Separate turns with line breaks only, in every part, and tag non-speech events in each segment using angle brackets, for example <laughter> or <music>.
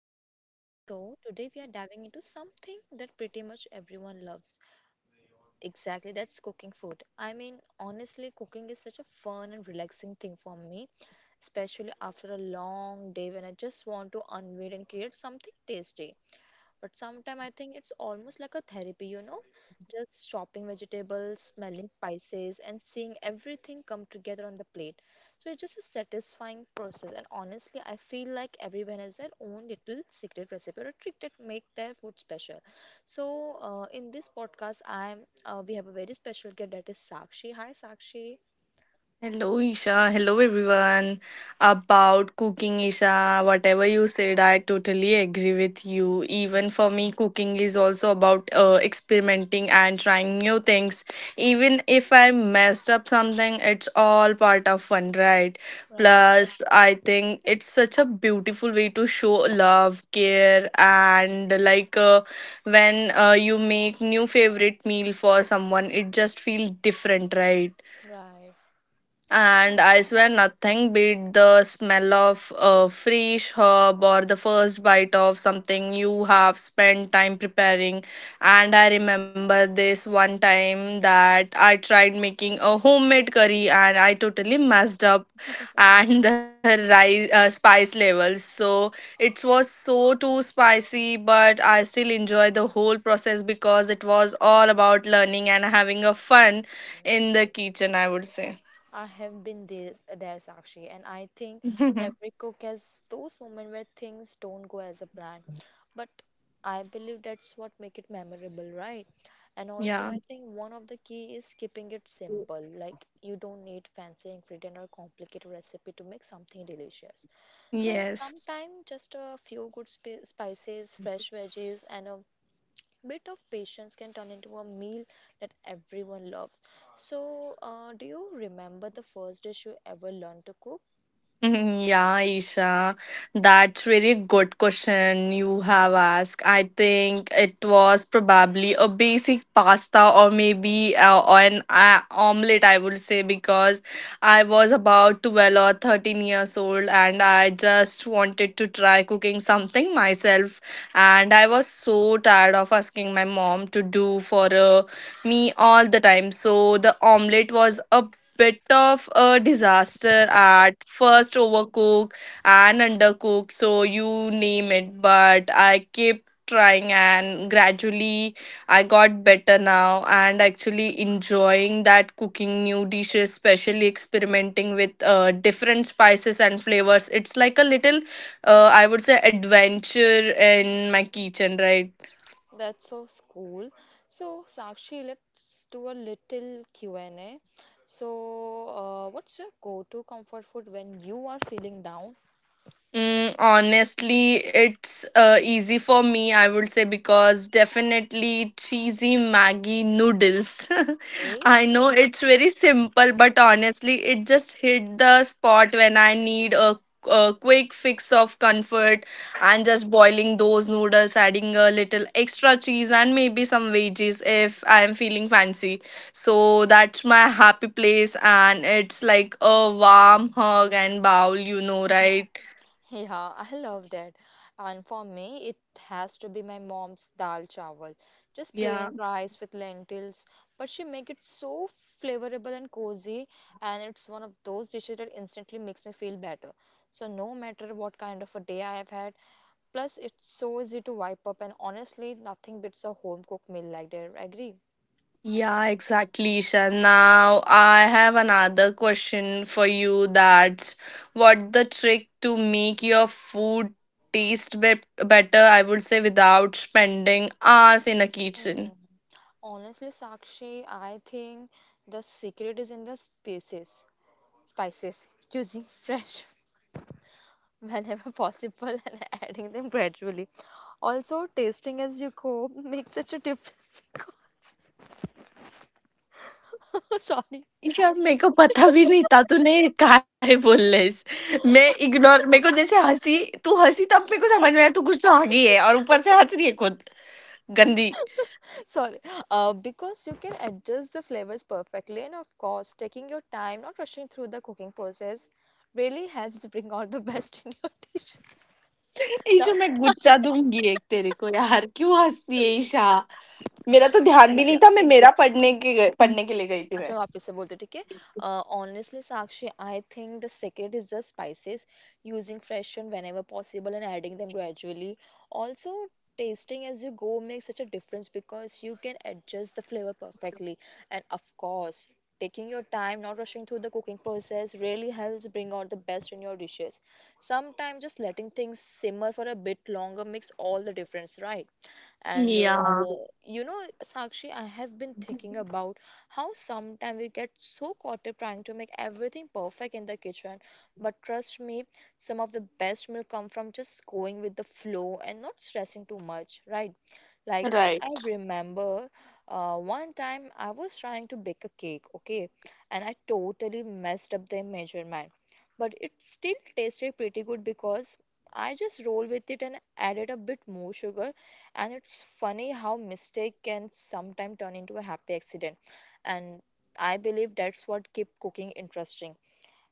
corner. So, today we are diving into something that pretty much everyone loves. Exactly, that's cooking food. I mean, honestly, cooking is such a fun and relaxing thing for me, especially after a long day when I just want to unwind and create something tasty. But sometimes I think it's almost like a therapy, you know, just shopping vegetables, smelling spices, and seeing everything come together on the plate. So it's just a satisfying process. And honestly, I feel like everyone has their own little secret recipe or trick that make their food special. In this podcast, I'm we have a very special guest that is Sakshi. Hi, Sakshi.
Hello, Isha. Hello, everyone. About cooking, Isha, whatever you said, I totally agree with you. Even for me, cooking is also about experimenting and trying new things. Even if I messed up something, it's all part of fun, right?
Right,
Plus, I think it's such a beautiful way to show love, care, and when you make new favorite meal for someone, it just feels different, right?
right.
And I swear nothing beat the smell of a fresh herb or the first bite of something you have spent time preparing. And I remember this one time that I tried making a homemade curry and I totally messed up <laughs> and the rice spice levels. So it was so too spicy, but I still enjoyed the whole process because it was all about learning and having a fun
Okay.
in the kitchen, I would
Yeah,
say.
I have been there, Sakshi, and I think
<laughs>
every cook has those moments where things don't go as a plan. But I believe that's what make it memorable, right? And
Yeah.
also, I think one of the key is keeping it simple. Like you don't need fancy ingredient or complicated recipe to make something delicious. So
Yes.
sometimes just a few good spices, fresh veggies, and a bit of patience can turn into a meal that everyone loves. So, do you remember the first dish you ever learned to cook?
Mhm. Yeah, Isha, that's very good question you have asked. I think it was probably a basic pasta or maybe an omelette, I would say, because I was about 12 or 13 years old and I just wanted to try cooking something myself. And I was so tired of asking my mom to do for me all the time. So the omelette was a bit of a disaster at first, overcook and undercook, so you name it, but I kept trying and gradually I got better now and actually enjoying that cooking new dishes, especially experimenting with different spices and flavors. It's like a little I would say adventure in my kitchen, right?
That's so cool. So, Sakshi, let's do a little Q&A. So, what's your go-to comfort food when you are feeling down?
Mm, honestly, it's easy for me, I would say, because definitely cheesy Maggie noodles. <laughs> I know it's very simple, but honestly, it just hit the spot when I need a quick fix of comfort and just boiling those noodles, adding a little extra cheese and maybe some veggies if I'm feeling fancy. So that's my happy place, and it's like a warm hug and bowl, you know, right?
Yeah, I love that. And for me, it has to be my mom's dal chawal. Just
Yeah,
plain rice with lentils, but she make it so flavorable and cozy, and it's one of those dishes that instantly makes me feel better. So no matter what kind of a day I have had, plus it's so easy to wipe up, and honestly, nothing beats a home cooked meal like that. Agree?
yeah, exactly, Isha. Now I have another question for you. That's what the trick to make your food taste better, I would say, without spending hours in a
Mm.
kitchen.
Honestly, Sakshi, I think the secret is in the spices, using fresh <laughs> whenever <laughs> possible and adding them gradually. Also, tasting as you go <laughs> makes such a difference <laughs> because <laughs> sorry,
यार मेरे को पता भी नहीं था तूने काहे बोल रहे मैं इग्नोर मेरे को जैसे हंसी, तू हंसी तब मेरे को समझ में आया, तू कुछ तो आगे है और ऊपर से हंस रही है खुद गंदी.
sorry, because you can adjust the flavors perfectly, and of course, taking your time, not rushing through the cooking process, really helps bring out the <laughs> best in your <laughs> dish.
<laughs> Isha
Sometimes,
मैं गुच्चा दूंगी एक तेरे को, यार क्यों हंसती है ईशा. मेरा तो ध्यान भी नहीं था, मैं मेरा पढ़ने के लिए गई थी
अच्छा
मैं.
वापस से बोलते ठीक है honestly Sakshi I think the secret is the spices using fresh and whenever possible and adding them gradually, also tasting as you go makes such a difference because you can adjust the flavor perfectly, and of course taking your time not rushing through the cooking process really helps bring out the best in your dishes. Sometimes just letting things simmer for a bit longer makes all the difference, right? and
Yeah.
you know, Sakshi, I have been thinking about how sometimes we get so caught up trying to make everything perfect in the kitchen. But trust me, some of the best will come from just going with the flow and not stressing too much, right? Like, I
right.
remember one time I was trying to bake a cake, okay, and I totally messed up the measurement. But it still tasted pretty good because I just rolled with it and added a bit more sugar. And it's funny how mistake can sometimes turn into a happy accident. And I believe that's what keep cooking interesting.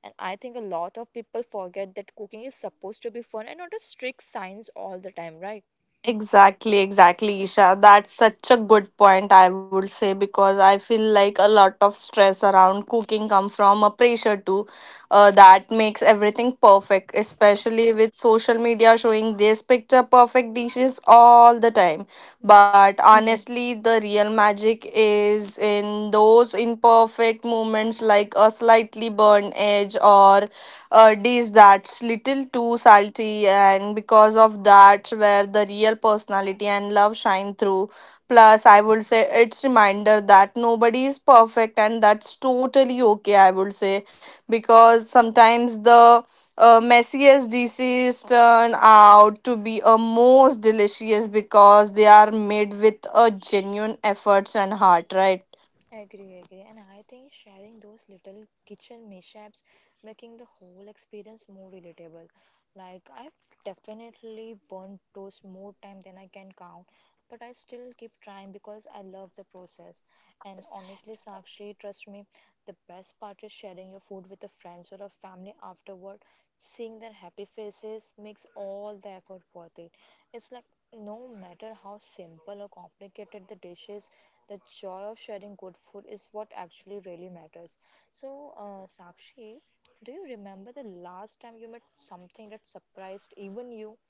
And I think a lot of people forget that cooking is supposed to be fun and not a strict science all the time, right?
Exactly, exactly, Isha. That's such a good point, I would say, because I feel like a lot of stress around cooking come from a pressure to that makes everything perfect, especially with social media showing these picture perfect dishes all the time. But honestly, the real magic is in those imperfect moments, like a slightly burned edge or dish that's little too salty, and because of that, where the real personality and love shine through. Plus, I would say it's reminder that nobody is perfect, and that's totally okay, I would say, because sometimes the messiest dishes turn out to be a most delicious because they are made with a genuine efforts and heart, right?
Agree, agree. And I think sharing those little kitchen mishaps, making the whole experience more relatable. Like I've definitely burnt toast more time than I can count, but I still keep trying because I love the process. And honestly, Sakshi, trust me, the best part is sharing your food with a friends or a family afterward. Seeing their happy faces makes all the effort worth it. It's like no matter how simple or complicated the dishes, the joy of sharing good food is what actually really matters. So, Sakshi, do you remember the last time you met something that surprised even you?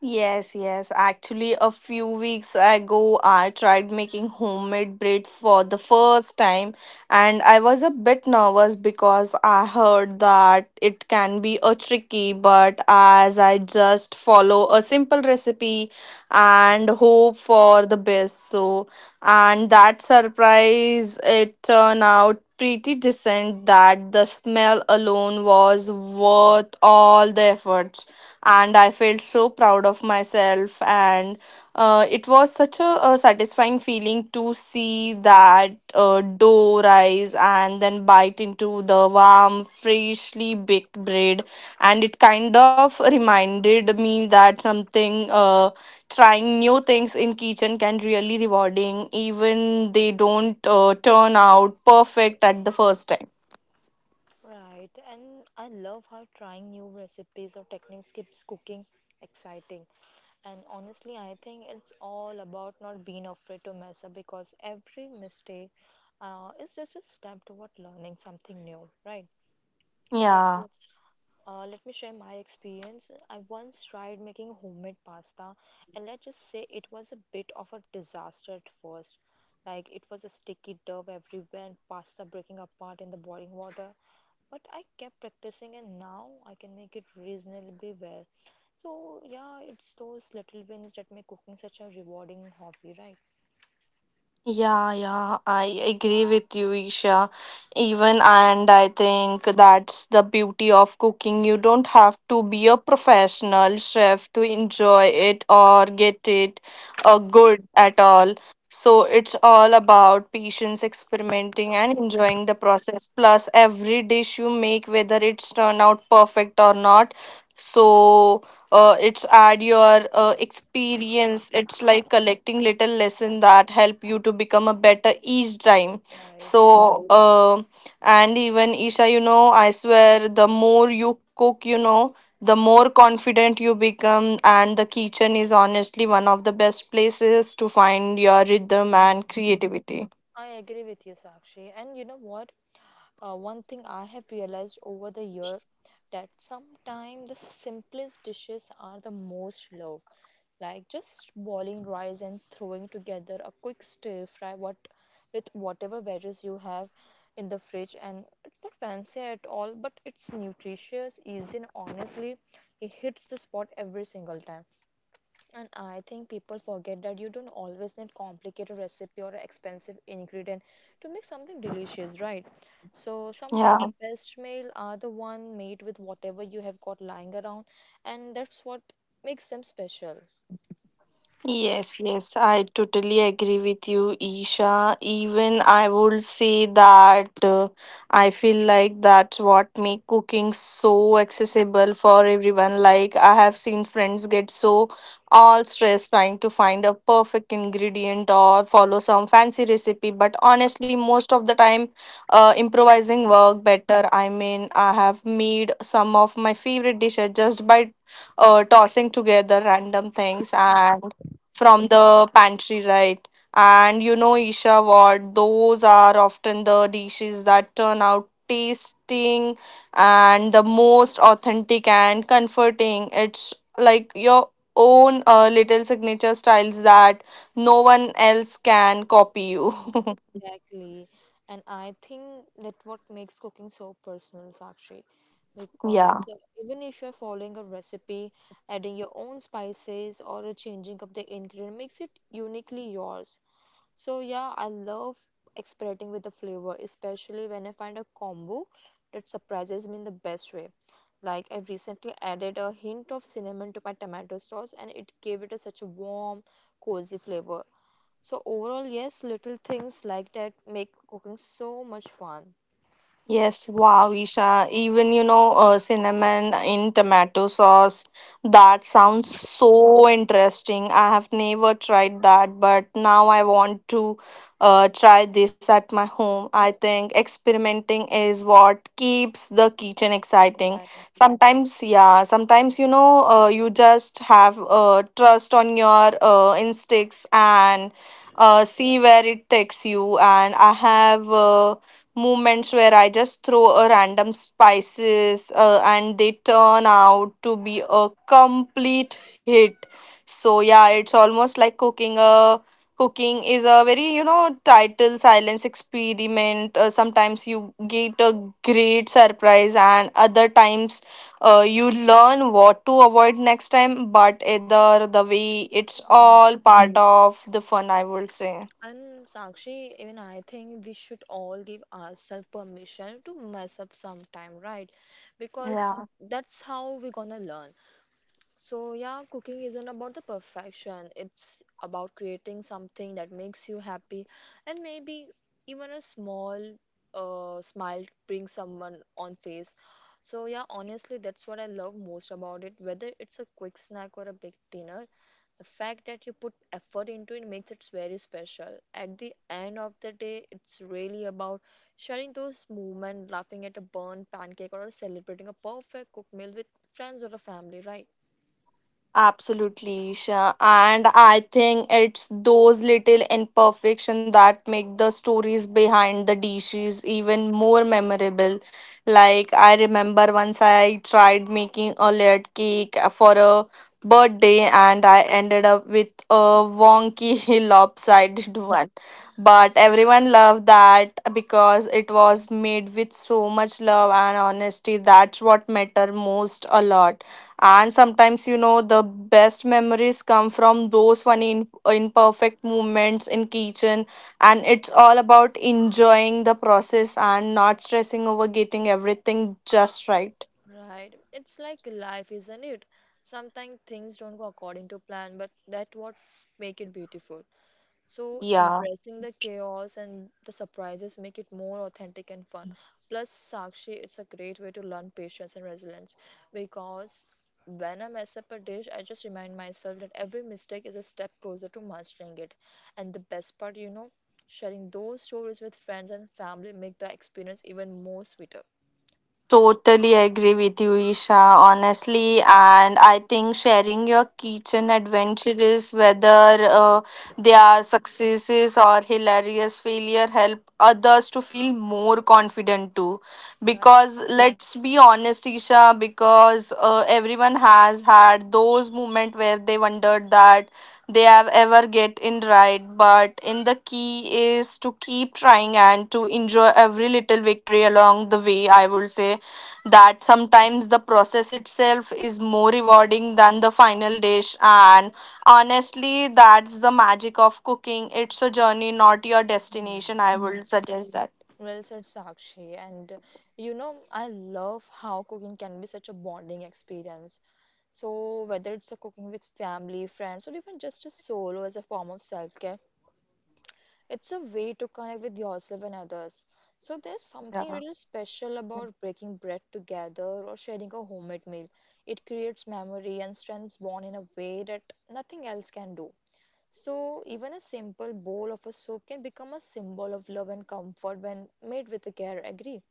Yes, yes. Actually, a few weeks ago, I tried making homemade bread for the first time, and I was a bit nervous because I heard that it can be a tricky, but as I just follow a simple recipe and hope for the best. So, and that surprise, it turned out pretty decent that the smell alone was worth all the effort and I felt so proud of myself. And it was such a satisfying feeling to see that dough rise and then bite into the warm, freshly baked bread. And it kind of reminded me that trying new things in kitchen can really rewarding, even they don't turn out perfect at the first time.
Right, and I love how trying new recipes or techniques keeps cooking exciting. And honestly, I think it's all about not being afraid to mess up because every mistake is just a step toward learning something new, right? Like,
Yeah.
let me share my experience. I once tried making homemade pasta, and let's just say it was a bit of a disaster at first. Like it was a sticky dough everywhere and pasta breaking apart in the boiling water. But I kept practicing, and now I can make it reasonably well. So, yeah, it's those little wins that make cooking such a rewarding hobby, right?
Yeah, yeah, I agree with you, Isha. Even and I think that's the beauty of cooking. You don't have to be a professional chef to enjoy it or get it good at all. So it's all about patience, experimenting, and enjoying the process. Plus, every dish you make, whether it's turn out perfect or not. So it's add your experience. It's like collecting little lesson that help you to become a better each time.
Right.
So and even Isha, you know, I swear the more you cook, you know, the more confident you become, and the kitchen is honestly one of the best places to find your rhythm and creativity.
I agree with you, Sakshi. And you know what? One thing I have realized over the year that sometimes the simplest dishes are the most loved. Like just boiling rice and throwing together a quick stir fry what with whatever veggies you have in the fridge, and it's not fancy at all, but it's nutritious, easy, and honestly it hits the spot every single time. And I think people forget that you don't always need complicated recipe or expensive ingredient to make something delicious, right? So
Yeah.
sometimes the best meal are the one made with whatever you have got lying around, and that's what makes them special.
Yes, yes, I totally agree with you, Isha. Even I would say that I feel like that's what make cooking so accessible for everyone. Like I have seen friends get so all stressed trying to find a perfect ingredient or follow some fancy recipe, but honestly, most of the time, improvising work better. I mean, I have made some of my favorite dishes just by tossing together random things and from the pantry, right? And you know, Isha, what, those are often the dishes that turn out tasting and the most authentic and comforting. It's like your own little signature styles that no one else can copy you.
Mm, exactly. And I think that what makes cooking so personal, Sakshi,
Yeah.
because even if you're following a recipe, adding your own spices or changing up the ingredient makes it uniquely yours. So yeah, I love experimenting with the flavor, especially when I find a combo that surprises me in the best way. Like I recently added a hint of cinnamon to my tomato sauce and it gave it a, such a warm, cozy flavor. So overall, yes, little things like that make cooking so much fun.
Yes, wow, Isha. Even you know, cinnamon in tomato sauce. That sounds so interesting. I have never tried that, but now I want to try this at my home. I think experimenting is what keeps the kitchen exciting.
Yeah.
Sometimes, yeah, sometimes you know, you just have trust on your instincts and see where it takes you. And I have. Moments where I just throw a random spices and they turn out to be a complete hit. So yeah, it's almost like cooking is a very, you know, title silence experiment. Sometimes you get a great surprise and other times you learn what to avoid next time, but either the way it's
Mm.
all part of the fun, I would say.
And Sakshi, even I think we should all give ourselves permission to mess up sometime, right? Because that's how we're gonna learn. So, yeah, cooking isn't about the perfection. It's about creating something that makes you happy. And maybe even a small smile brings someone on face. So, yeah, honestly, that's what I love most about it. Whether it's a quick snack or a big dinner, the fact that you put effort into it makes it very special. At the end of the day, it's really about sharing those moments, laughing at a burnt pancake, or celebrating a perfect cooked meal with friends or a family, right?
Absolutely, Isha. And I think it's those little imperfection that make the stories behind the dishes even more memorable. Like I remember once I tried making a layered cake for a birthday and I ended up with a wonky <laughs> lopsided one. But everyone loved that because it was made with so much love and honesty. That's what matter most a lot, and sometimes, you know, the best memories come from those funny, imperfect moments in kitchen. And it's all about enjoying the process and not stressing over getting everything just right.
Right. It's like life, isn't it? Sometimes things don't go according to plan, but that what make it beautiful. So
Yeah.
embracing the chaos and the surprises make it more authentic and fun. Plus, Sakshi, it's a great way to learn patience and resilience because when I mess up a dish, I just remind myself that every mistake is a step closer to mastering it. And the best part, you know, sharing those stories with friends and family make the experience even more sweeter.
Totally agree with you, Isha, honestly. And I think sharing your kitchen adventure is, whether they are successes or hilarious failure, help others to feel more confident too.
Right.
Because let's be honest, Isha, because everyone has had those moments where they wondered that they have ever get in right, but in the key is to keep trying and to enjoy every little victory along the way, I would say, that sometimes the process itself is more rewarding than the final dish. And honestly, that's the magic of cooking. It's a journey, not your destination, I
Mm,
would suggest that.
well said, Sakshi. And you know, I love how cooking can be such a bonding experience. So, whether it's a cooking with family, friends, or even just a solo as a form of self care, it's a way to connect with yourself and others. So, there's something
Yeah.
really special about breaking bread together or sharing a homemade meal. It creates memory and strengths bond in a way that nothing else can do. So, even a simple bowl of a soup can become a symbol of love and comfort when made with care. Agree?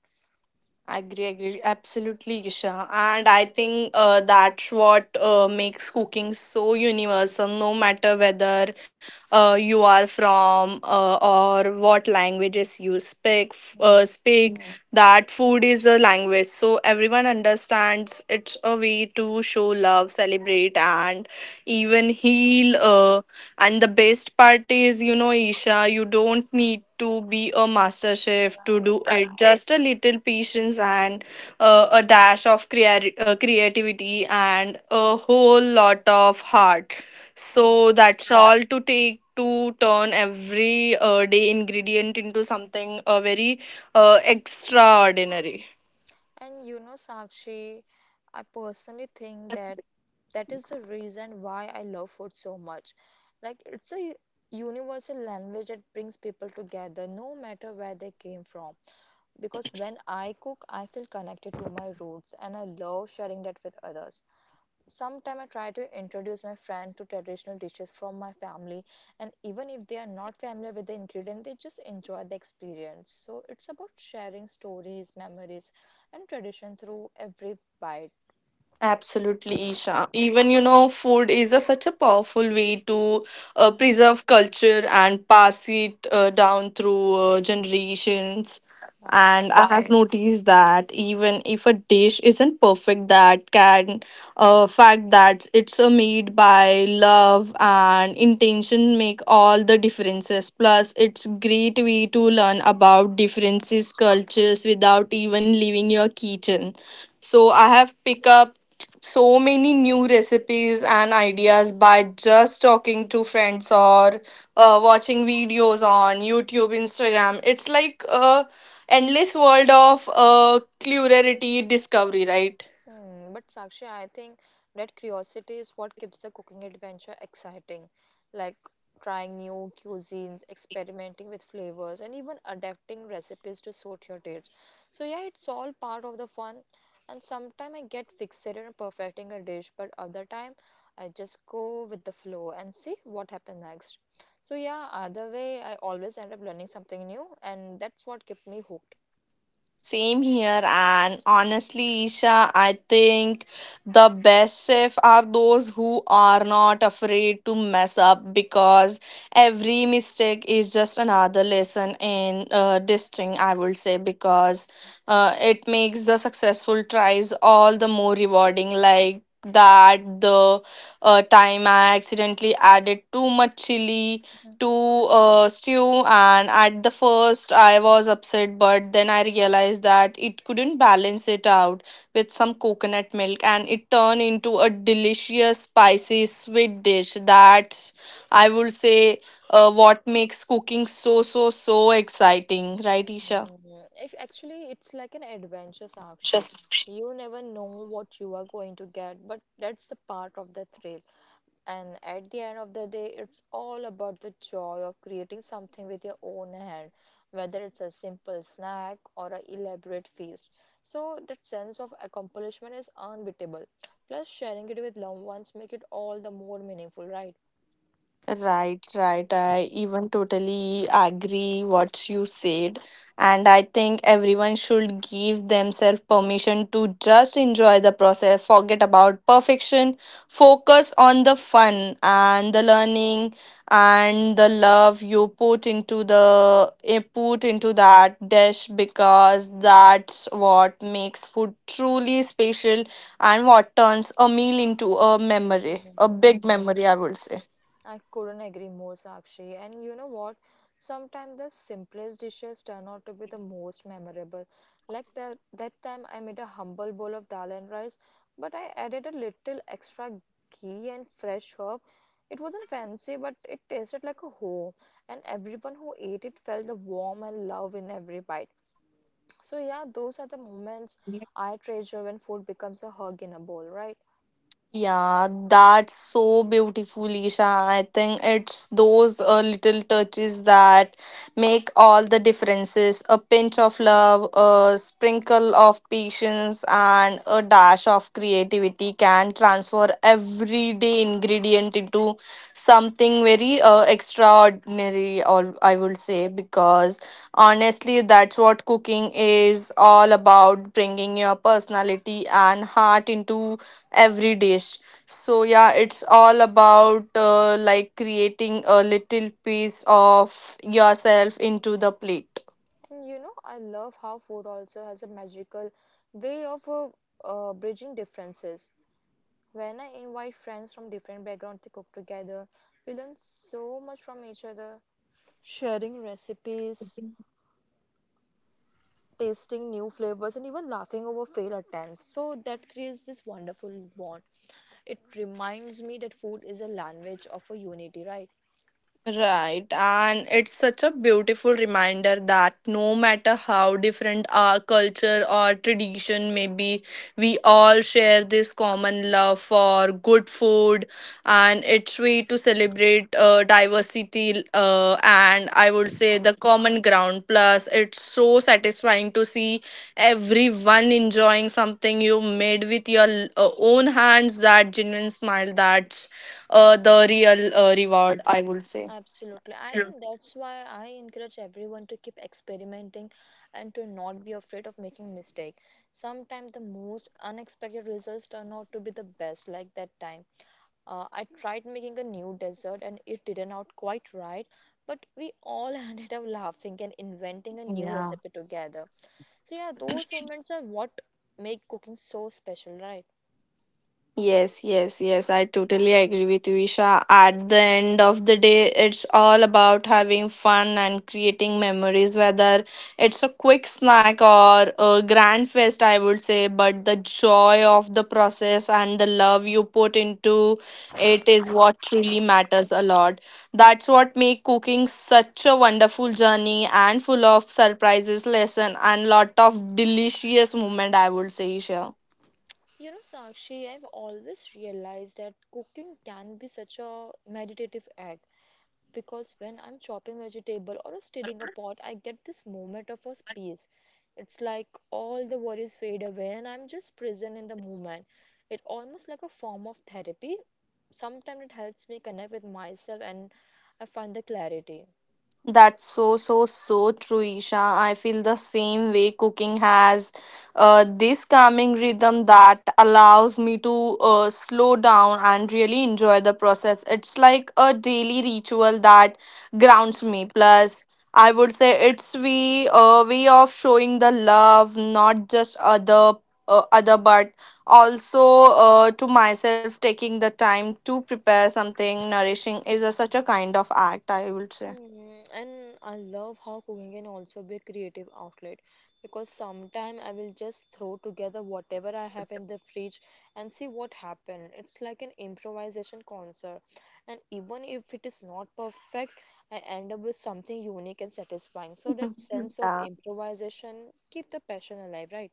I agree, agree. Absolutely, Isha. And I think that's what makes cooking so universal, no matter whether you are from or what languages you speak.
Mm,
Speak. Yeah. That food is a language, so everyone understands. It's a way to show love, celebrate, and even heal. And the best part is, you know, Isha, you don't need to be a master chef to
right,
do it. Just a little patience and a dash of creativity and a whole lot of heart.
right.
So that's all to take to turn every day ingredient into something very extraordinary.
And you know, Sakshi, I personally think that that is the reason why I love food so much. Like, it's a universal language that brings people together, no matter where they came from. Because when I cook, I feel connected to my roots and I love sharing that with others. Sometime I try to introduce my friend to traditional dishes from my family, and even if they are not familiar with the ingredient they just enjoy the experience, so it's about sharing stories, memories, and tradition through every bite,
Absolutely, Isha. Even you know, food is a, such a powerful way to preserve culture and pass it down through generations.
right?
And I have noticed that even if a dish isn't perfect, that can fact that it's made by love and intention make all the differences. Plus, it's great way to learn about differences cultures without even leaving your kitchen. So I have picked up so many new recipes and ideas by just talking to friends or watching videos on YouTube, Instagram. It's like a endless world of clarity discovery, right?
Hmm, but Sakshi, I think that curiosity is what keeps the cooking adventure exciting. Like trying new cuisines, experimenting with flavors, and even adapting recipes to suit your tastes. So yeah, it's all part of the fun. And sometimes I get fixated on perfecting a dish, but other time I just go with the flow and see what happens next. So yeah, either way, I always end up learning something new, and that's what kept me hooked.
Same here, and honestly, Isha, I think the best chef are those who are not afraid to mess up because every mistake is just another lesson in distinct, I would say, because it makes the successful tries all the more rewarding. The time I accidentally added too much chili to stew, and at the first I was upset, but then I realized that it couldn't balance it out with some coconut milk, and it turned into a delicious spicy sweet dish that, I would say, what makes cooking so exciting, right, Isha?
Mm, it actually it's like an adventure, Sakshi. You never know what you are going to get, but that's the part of the thrill. And at the end of the day, it's all about the joy of creating something with your own hand, whether it's a simple snack or an elaborate feast. So that sense of accomplishment is unbeatable. Plus, sharing it with loved ones make it all the more meaningful, right?
Right, right. I even totally agree what you said. And I think everyone should give themselves permission to just enjoy the process, forget about perfection, focus on the fun and the learning and the love you put into that dish because that's what makes food truly special and what turns a meal into a memory, a
Mhm.
big memory, I would say.
I couldn't agree more, Sakshi. And you know what? Sometimes the simplest dishes turn out to be the most memorable. Like that time I made a humble bowl of dal and rice, but I added a little extra ghee and fresh herb. It wasn't fancy, but it tasted like a home, and everyone who ate it felt the warmth and love in every bite. So yeah, those are the moments I treasure when food becomes a hug in a bowl, right?
Yeah, that's so beautiful, Isha. I think it's those little touches that make all the differences. A pinch of love, a sprinkle of patience, and a dash of creativity can transfer everyday ingredient into something very extraordinary, or I would say, because honestly, that's what cooking is all about, bringing your personality and heart into every dish. So yeah, it's all about like creating a little piece of yourself into the plate.
And you know, I love how food also has a magical way of bridging differences. When I invite friends from different backgrounds to cook together, we learn so much from each other, sharing recipes, tasting new flavors, and even laughing over failed attempts. So that creates this wonderful bond. It reminds me that food is a language of a unity, right?
Right, and it's such a beautiful reminder that no matter how different our culture or tradition may be, we all share this common love for good food, and it's way to celebrate diversity. And I would say the common ground. Plus, it's so satisfying to see everyone enjoying something you made with your own hands. That genuine smile, that's the real reward, I would say.
Absolutely. I think that's why I encourage everyone to keep experimenting and to not be afraid of making mistake. Sometimes the most unexpected results turn out to be the best, like that time. I tried making a new dessert and it didn't out quite right, but we all <laughs> ended up laughing and inventing a new
Yeah.
recipe together. So yeah, those moments are what make cooking so special, right?
Yes, yes, yes. I totally agree with you, Isha. At the end of the day, it's all about having fun and creating memories, whether it's a quick snack or a grand fest, I would say. But the joy of the process and the love you put into it is what truly matters a lot. That's what makes cooking such a wonderful journey and full of surprises, lesson, and lot of delicious moment, I would say, Isha.
You know, Sakshi, I've always realized that cooking can be such a meditative act because when I'm chopping vegetable or stirring a pot, I get this moment of a peace. It's like all the worries fade away and I'm just present in the moment. It almost like a form of therapy. Sometimes it helps me connect with myself and I find the clarity.
That's so, so, so true, Isha. I feel the same way. Cooking has this calming rhythm that allows me to slow down and really enjoy the process. It's like a daily ritual that grounds me. Plus, I would say it's we a way of showing the love, not just other other, but also to myself. Taking the time to prepare something nourishing is a, such a kind of act, I would say.
Hmm. And I love how cooking can also be a creative outlet because sometime I will just throw together whatever I have in the fridge and see what happens. It's like an improvisation concert. And even if it is not perfect, I end up with something unique and satisfying.
<laughs>
So that sense of
Mhm.
improvisation keep the passion alive, right?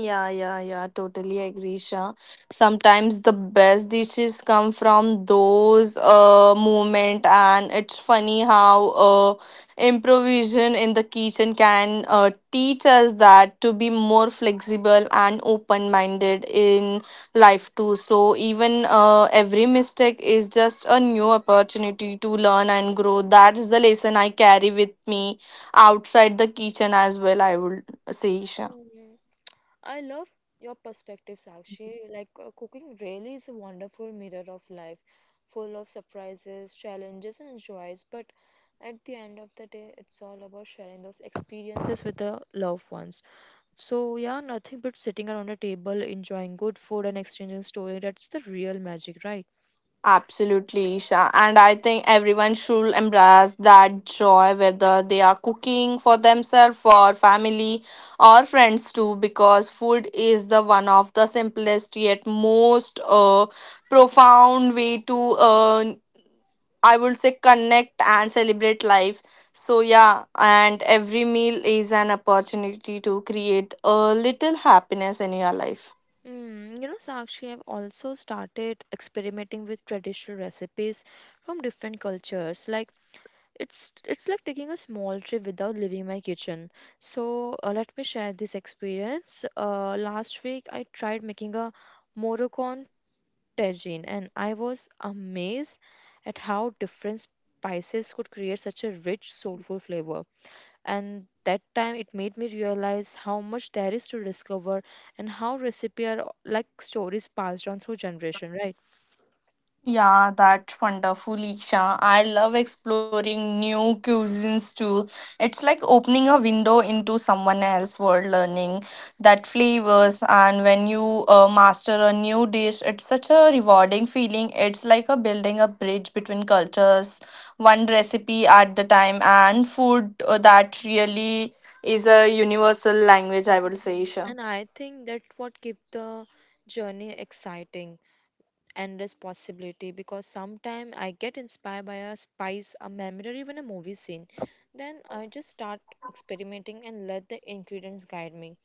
Yeah, yeah, yeah, yeah. Totally agree, Shah. Sometimes the best dishes come from those moment, and it's funny how improvisation in the kitchen can teach us that to be more flexible and open minded in life too. So even every mistake is just a new opportunity to learn and grow. That's the lesson I carry with me outside the kitchen as well, I would say, Isha.
Hmm. I love your perspective, Sakshi. Like, cooking really is a wonderful mirror of life, full of surprises, challenges, and joys. But at the end of the day, it's all about sharing those experiences with the loved ones. So, yeah, nothing but sitting around a table, enjoying good food, and exchanging story. That's the real magic, right?
Absolutely, Isha. And I think everyone should embrace that joy, whether they are cooking for themselves, for family, or friends too, because food is the one of the simplest yet most profound way to, I would say, connect and celebrate life. So, yeah, and every meal is an opportunity to create a little happiness in your life.
Mm, you know, Sakshi, I've also started experimenting with traditional recipes from different cultures. Like, it's like taking a small trip without leaving my kitchen. So let me share this experience. Last week I tried making a Moroccan tagine, and I was amazed at how different spices could create such a rich, soulful flavor. And that time it made me realize how much there is to discover and how recipe are like stories passed on through generation, right?
Yeah, that's wonderful, Isha. I love exploring new cuisines too. It's like opening a window into someone else's world, learning that flavors. And when you master a new dish, it's such a rewarding feeling. It's like a building a bridge between cultures, one recipe at the time, and food that really is a universal language, I would say,
Mhm.
Isha.
And I think that's what keep the journey exciting and responsibility because sometimes I get inspired by a spice, a memory, or even a movie scene. Then I just start experimenting and let the ingredients guide me.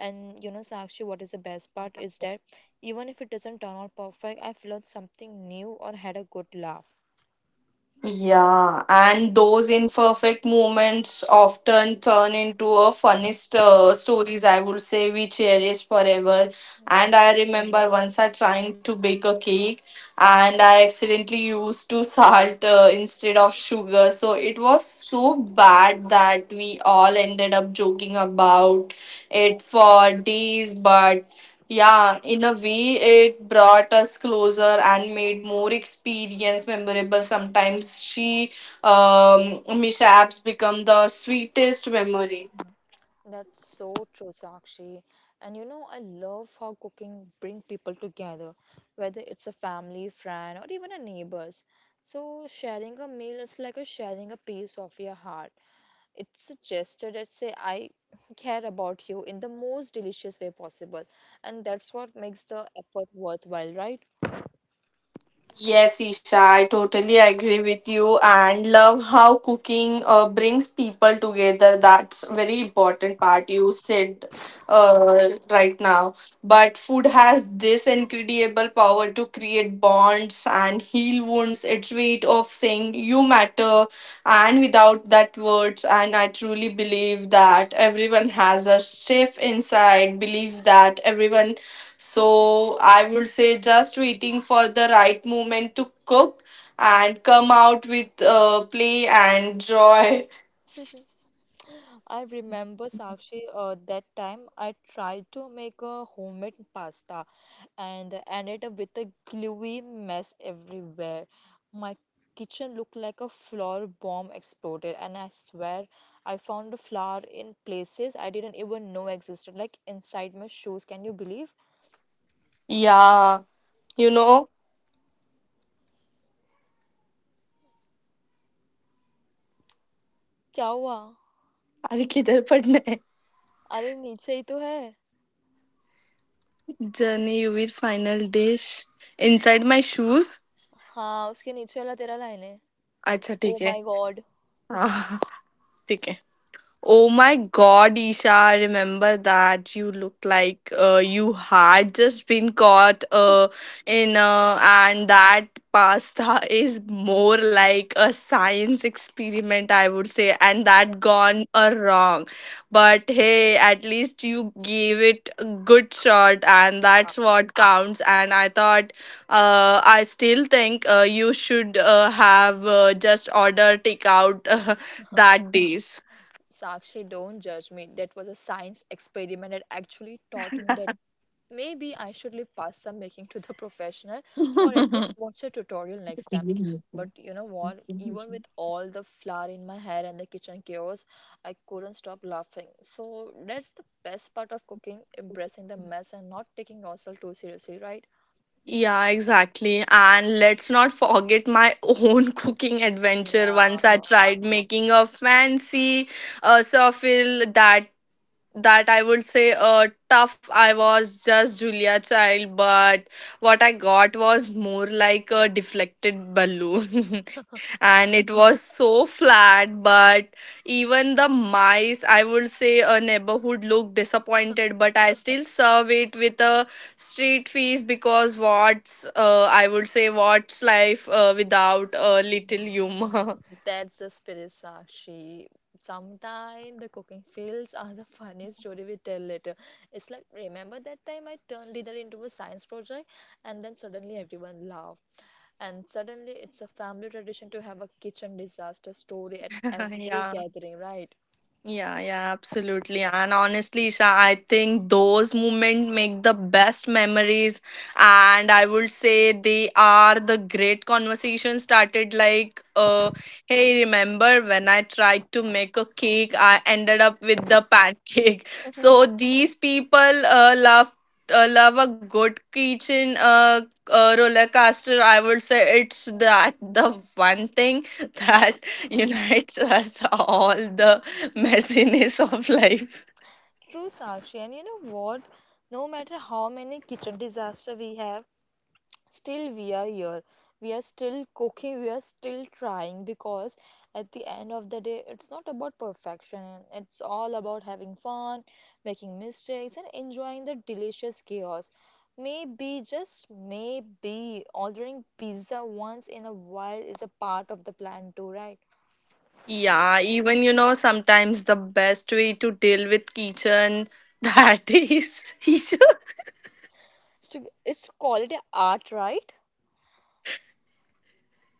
And you know, Sakshi, what is the best part is that even if it doesn't turn out perfect, I've learned something new or had a good laugh.
Yeah, and those imperfect moments often turn into a funniest stories, I would say we cherish forever.
Hmm.
And I remember once I trying to bake a cake, and I accidentally used to salt instead of sugar. So it was so bad that we all ended up joking about it for days. But yeah, in a way, it brought us closer and made more experience memorable. Sometimes mishaps become the sweetest memory.
That's so true, Sakshi. And you know, I love how cooking bring people together, whether it's a family, friend, or even a neighbors. So sharing a meal is like a sharing a piece of your heart. It's a gesture that say I <laughs> care about you in the most delicious way possible, and that's what makes the effort worthwhile, right?
Yes, Isha, I totally agree with you and love how cooking brings people together. That's very important part you said right now. But food has this incredible power to create bonds and heal wounds. It's way of saying you matter and without that words, and I truly believe that everyone has a chef inside. Believe that everyone, so I would say, just waiting for the right moment to cook and come out with play and joy.
I remember Sakshi, that time I tried to make a homemade pasta and ended up with a gluey mess everywhere. My kitchen looked like a flour bomb exploded, and I swear I found the flour in places I didn't even know existed, like inside my shoes. Can you believe?
Yeah, you know.
क्या हुआ?
अरे किधर पढ़ना है
अरे नीचे ही तो है.
Journey you final dish inside my shoes. Shoes
हाँ उसके नीचे वाला तेरा लाइन है है.
अच्छा
ओ
ठीक है
माय गॉड.
<laughs> हाँ, ठीक है Oh my God, Isha, I remember that you look like you had just been caught in, and that pasta <laughs> is more like a science experiment, I would say, and that gone wrong. But hey, at least you gave it a good shot, and that's what counts. And I thought, I still think you should have just order takeout <laughs> that days.
Sakshi, don't judge me. That was a science experiment that actually taught me that maybe I should leave pasta making to the <laughs> professional or at least watch a tutorial next time. But you know what? Even with all the flour in my hair and the kitchen chaos, I couldn't stop laughing. So that's the best part of cooking, embracing the mess and not taking yourself too seriously, right?
Yeah, exactly. And let's not forget my own <laughs> cooking adventure.
Yeah.
Once I tried making a fancy surfil that I would say tough. I was just Julia Child, but what I got was more like a deflected balloon, <laughs> and it was so flat. But even the mice, I would say, a neighborhood looked disappointed, but I still serve it with a street feast because what's I would say what's life without a little humor.
That's the spirit, Sakshi. Sometimes the cooking fails are the funniest story we tell later. It's like, remember that time I turned dinner into a science project and then suddenly everyone laughed. And suddenly it's a family tradition to have a kitchen disaster story at
<laughs>
every
Yeah.
gathering, right?
Yeah, yeah, absolutely. And honestly, Isha, I think those moments make the best memories. And I would say they are the great conversation started, like, hey, remember when I tried to make a cake, I ended up with the pancake. <laughs>
<laughs>
So these people uh, love love a good kitchen roller coaster, I would say, it's that
Mm.
the one thing <laughs> that unites us all. The <laughs> messiness of life.
True, Sakshi. And you know what? No matter how many kitchen disasters we have, still we are here, we are still cooking, we are still trying, because at the end of the day it's not about perfection, it's all about having fun, making mistakes, and enjoying the delicious chaos. Maybe just maybe ordering pizza once in a while is a part of the plan too, right?
Yeah, even sometimes the best way to deal with kitchen that is. <laughs>
It's, to, it's quality art, right?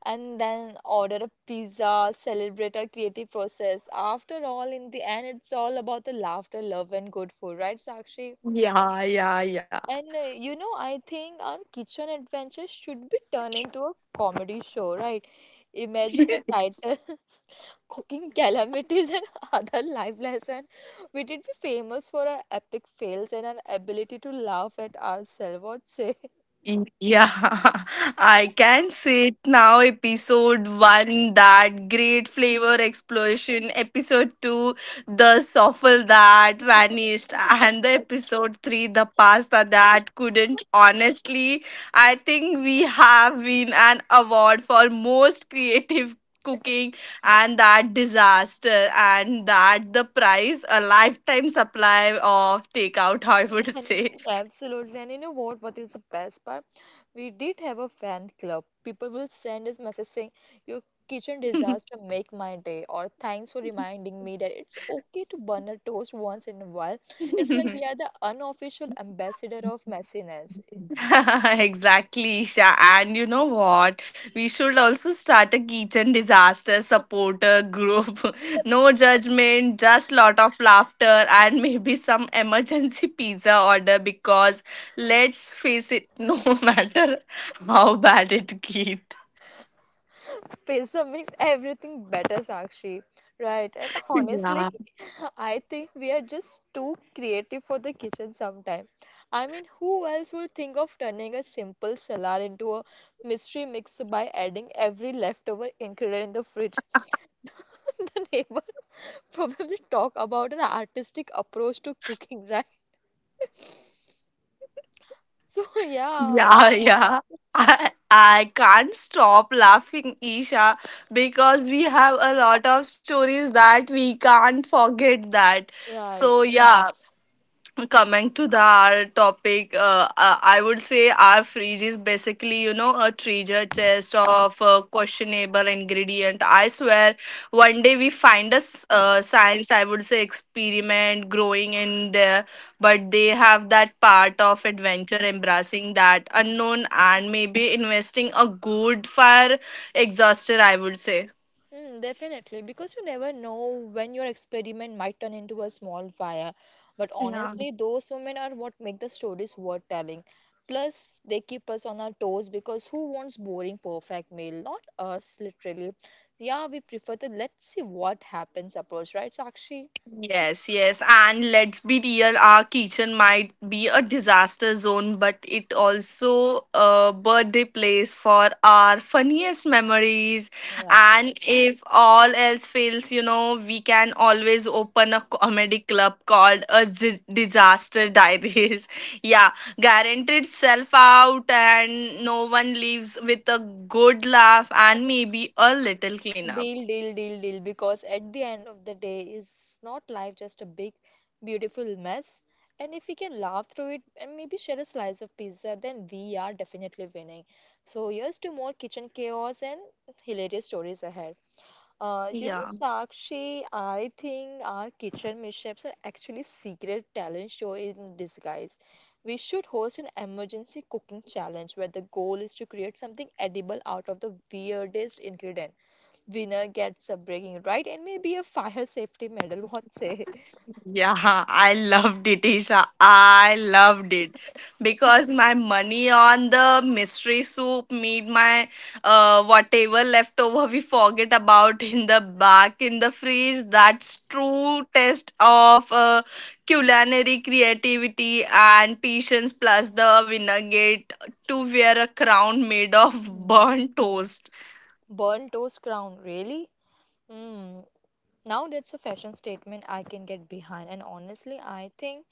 And then order a pizza, celebrate our creative process. After all, in the end, it's all about the laughter, love, and good food, right, Sakshi?
Yeah, yeah, yeah.
And you know, I think our kitchen adventures should be turned into a comedy show, right? Imagine the title, <laughs> Cooking Calamities and <laughs> Other Life Lesson. We did be famous for our epic fails and our ability to laugh at ourselves. What say?
Mm, yeah, <laughs> I can see it now. Episode 1, that great flavor explosion. Episode 2, the souffle that vanished. And the episode 3, the pasta that couldn't. Honestly, I think we have win an award for most creative cooking and that disaster, and that the prize a lifetime supply of takeout, I would say.
And absolutely. And you know what? What is the best part? We did have a fan club. People will send us message saying, your kitchen disaster make my day, or thanks for reminding me that it's okay to burn a toast once in a while. It's like we are
<laughs>
the unofficial ambassador of messiness.
<laughs> Exactly, Isha. And you know what? We should also start a kitchen disaster supporter group. <laughs> No judgment, just lot of laughter, and <laughs> maybe some emergency pizza order because let's face it, no <laughs> matter how bad it gets.
Pizza makes everything better, Sakshi. Right. And honestly,
Yeah. <laughs>
<laughs> I think we are just too creative for the kitchen sometime. I mean, who else would think of turning a simple salad into a mystery mix by adding every leftover ingredient in the fridge? <laughs> The neighbor probably talk about an artistic approach to cooking, right? <laughs> So yeah,
Yeah, yeah. I can't stop laughing, Isha, because we have a lot of stories that we can't forget that. So,
right.
yeah, coming to the our topic I would say our fridge is basically a treasure chest of questionable ingredient. I swear one day we find a science, I would say, experiment growing in there. But they have that part of adventure embracing that unknown and maybe investing a good fire exhauster, I would say.
Mm, definitely, because you never know when your experiment might turn into a small fire. But honestly, those women are what make the stories worth telling. Plus, they keep us on our toes because who wants boring, perfect meal? Not us, literally. Yeah, we prefer the let's see what happens approach, right, Sakshi?
Yes, yes. And let's be real, our kitchen might be a disaster zone, but it also a birthday place for our funniest memories.
Right.
And if all else fails, we can always open a comedy club called a Disaster Diaries. <laughs> Yeah, guaranteed self out, and no one leaves with a good laugh and maybe a little cleanup.
Deal, deal, deal, deal. Because at the end of the day, is not life just a big, beautiful mess? And if we can laugh through it and maybe share a slice of pizza, then we are definitely winning. So here's to more kitchen chaos and hilarious stories ahead. You
Yeah.
know, Sakshi, I think our kitchen mishaps are actually secret talent show in disguise. We should host an emergency cooking challenge where the goal is to create something edible out of the weirdest ingredient, winner gets a breaking right and maybe a fire safety medal. <laughs> What say?
Yeah, I loved it, Isha. I loved it because my money on the mystery soup, meat, my whatever leftover we forget about <laughs> in the back in the fridge. That's true test of culinary creativity and patience. Plus, the winner get to wear a crown made of
Hmm.
burnt toast.
Burn toast crown, really? Hmm. Now that's a fashion statement I can get behind. And honestly, I think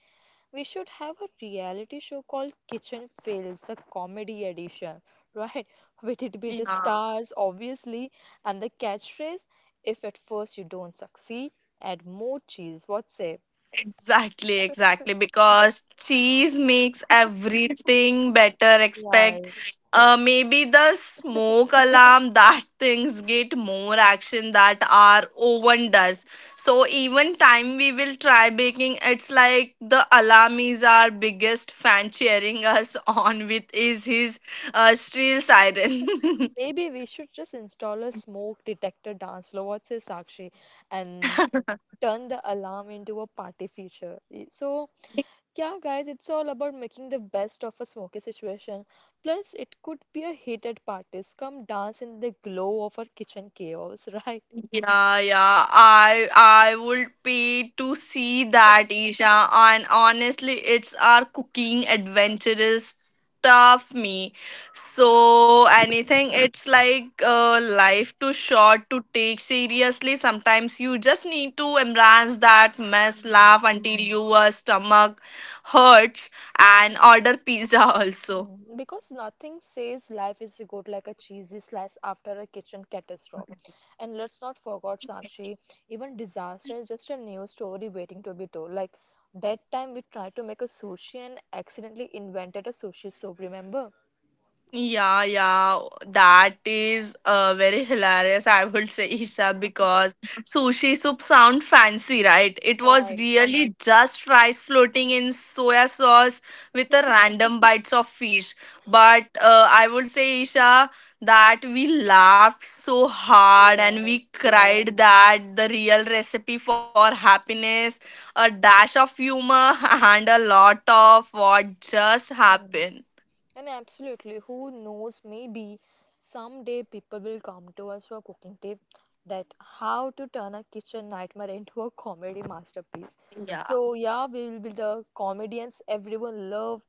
we should have a reality show called Kitchen Fails, the comedy edition, <laughs> right? With it be the
Yeah.
stars, obviously, and the catchphrase, if at first you don't succeed, add more cheese. What say?
Exactly, exactly. Because cheese makes everything better. Expect maybe the smoke alarm that things get more action that our oven does. So even time we will try baking, it's like the alarm is our biggest fan cheering us <laughs> on with is his steel siren.
Maybe we should just install a smoke detector dance floor, what says Sakshi, and turn the alarm into a party feature. Y- So,
<laughs>
yeah, guys, it's all about making the best of a smoky situation. Plus, it could be a hit at parties. Come dance in the glow of our kitchen chaos, <laughs> right?
Yeah, yeah. I would pay to see that, Isha. And honestly, it's our cooking adventurous stuff me. So anything, it's like life too short to take seriously. Sometimes you just need to embrace that mess, laugh until your stomach hurts, and order pizza <laughs> also.
Mm, because nothing says life is good like a cheesy slice after a kitchen catastrophe. And let's not forget, Sakshi, even disaster is just a new story waiting to be told. Like that time we tried to make a sushi and accidentally invented a sushi soup, remember?
Yeah, yeah, that is very hilarious, I would say, Isha, because sushi soup sound fancy, right? It was
Right,
really just rice floating in soya sauce with a random bites of fish. But I would say, Isha, that we laughed so hard and we
yes.
cried that the real recipe for happiness, a dash of humor, <laughs> and a lot of what just happened.
And absolutely, who knows, maybe someday people will come to us for cooking tip, that how to turn a kitchen nightmare into a comedy masterpiece. So yeah, we will be the comedians everyone love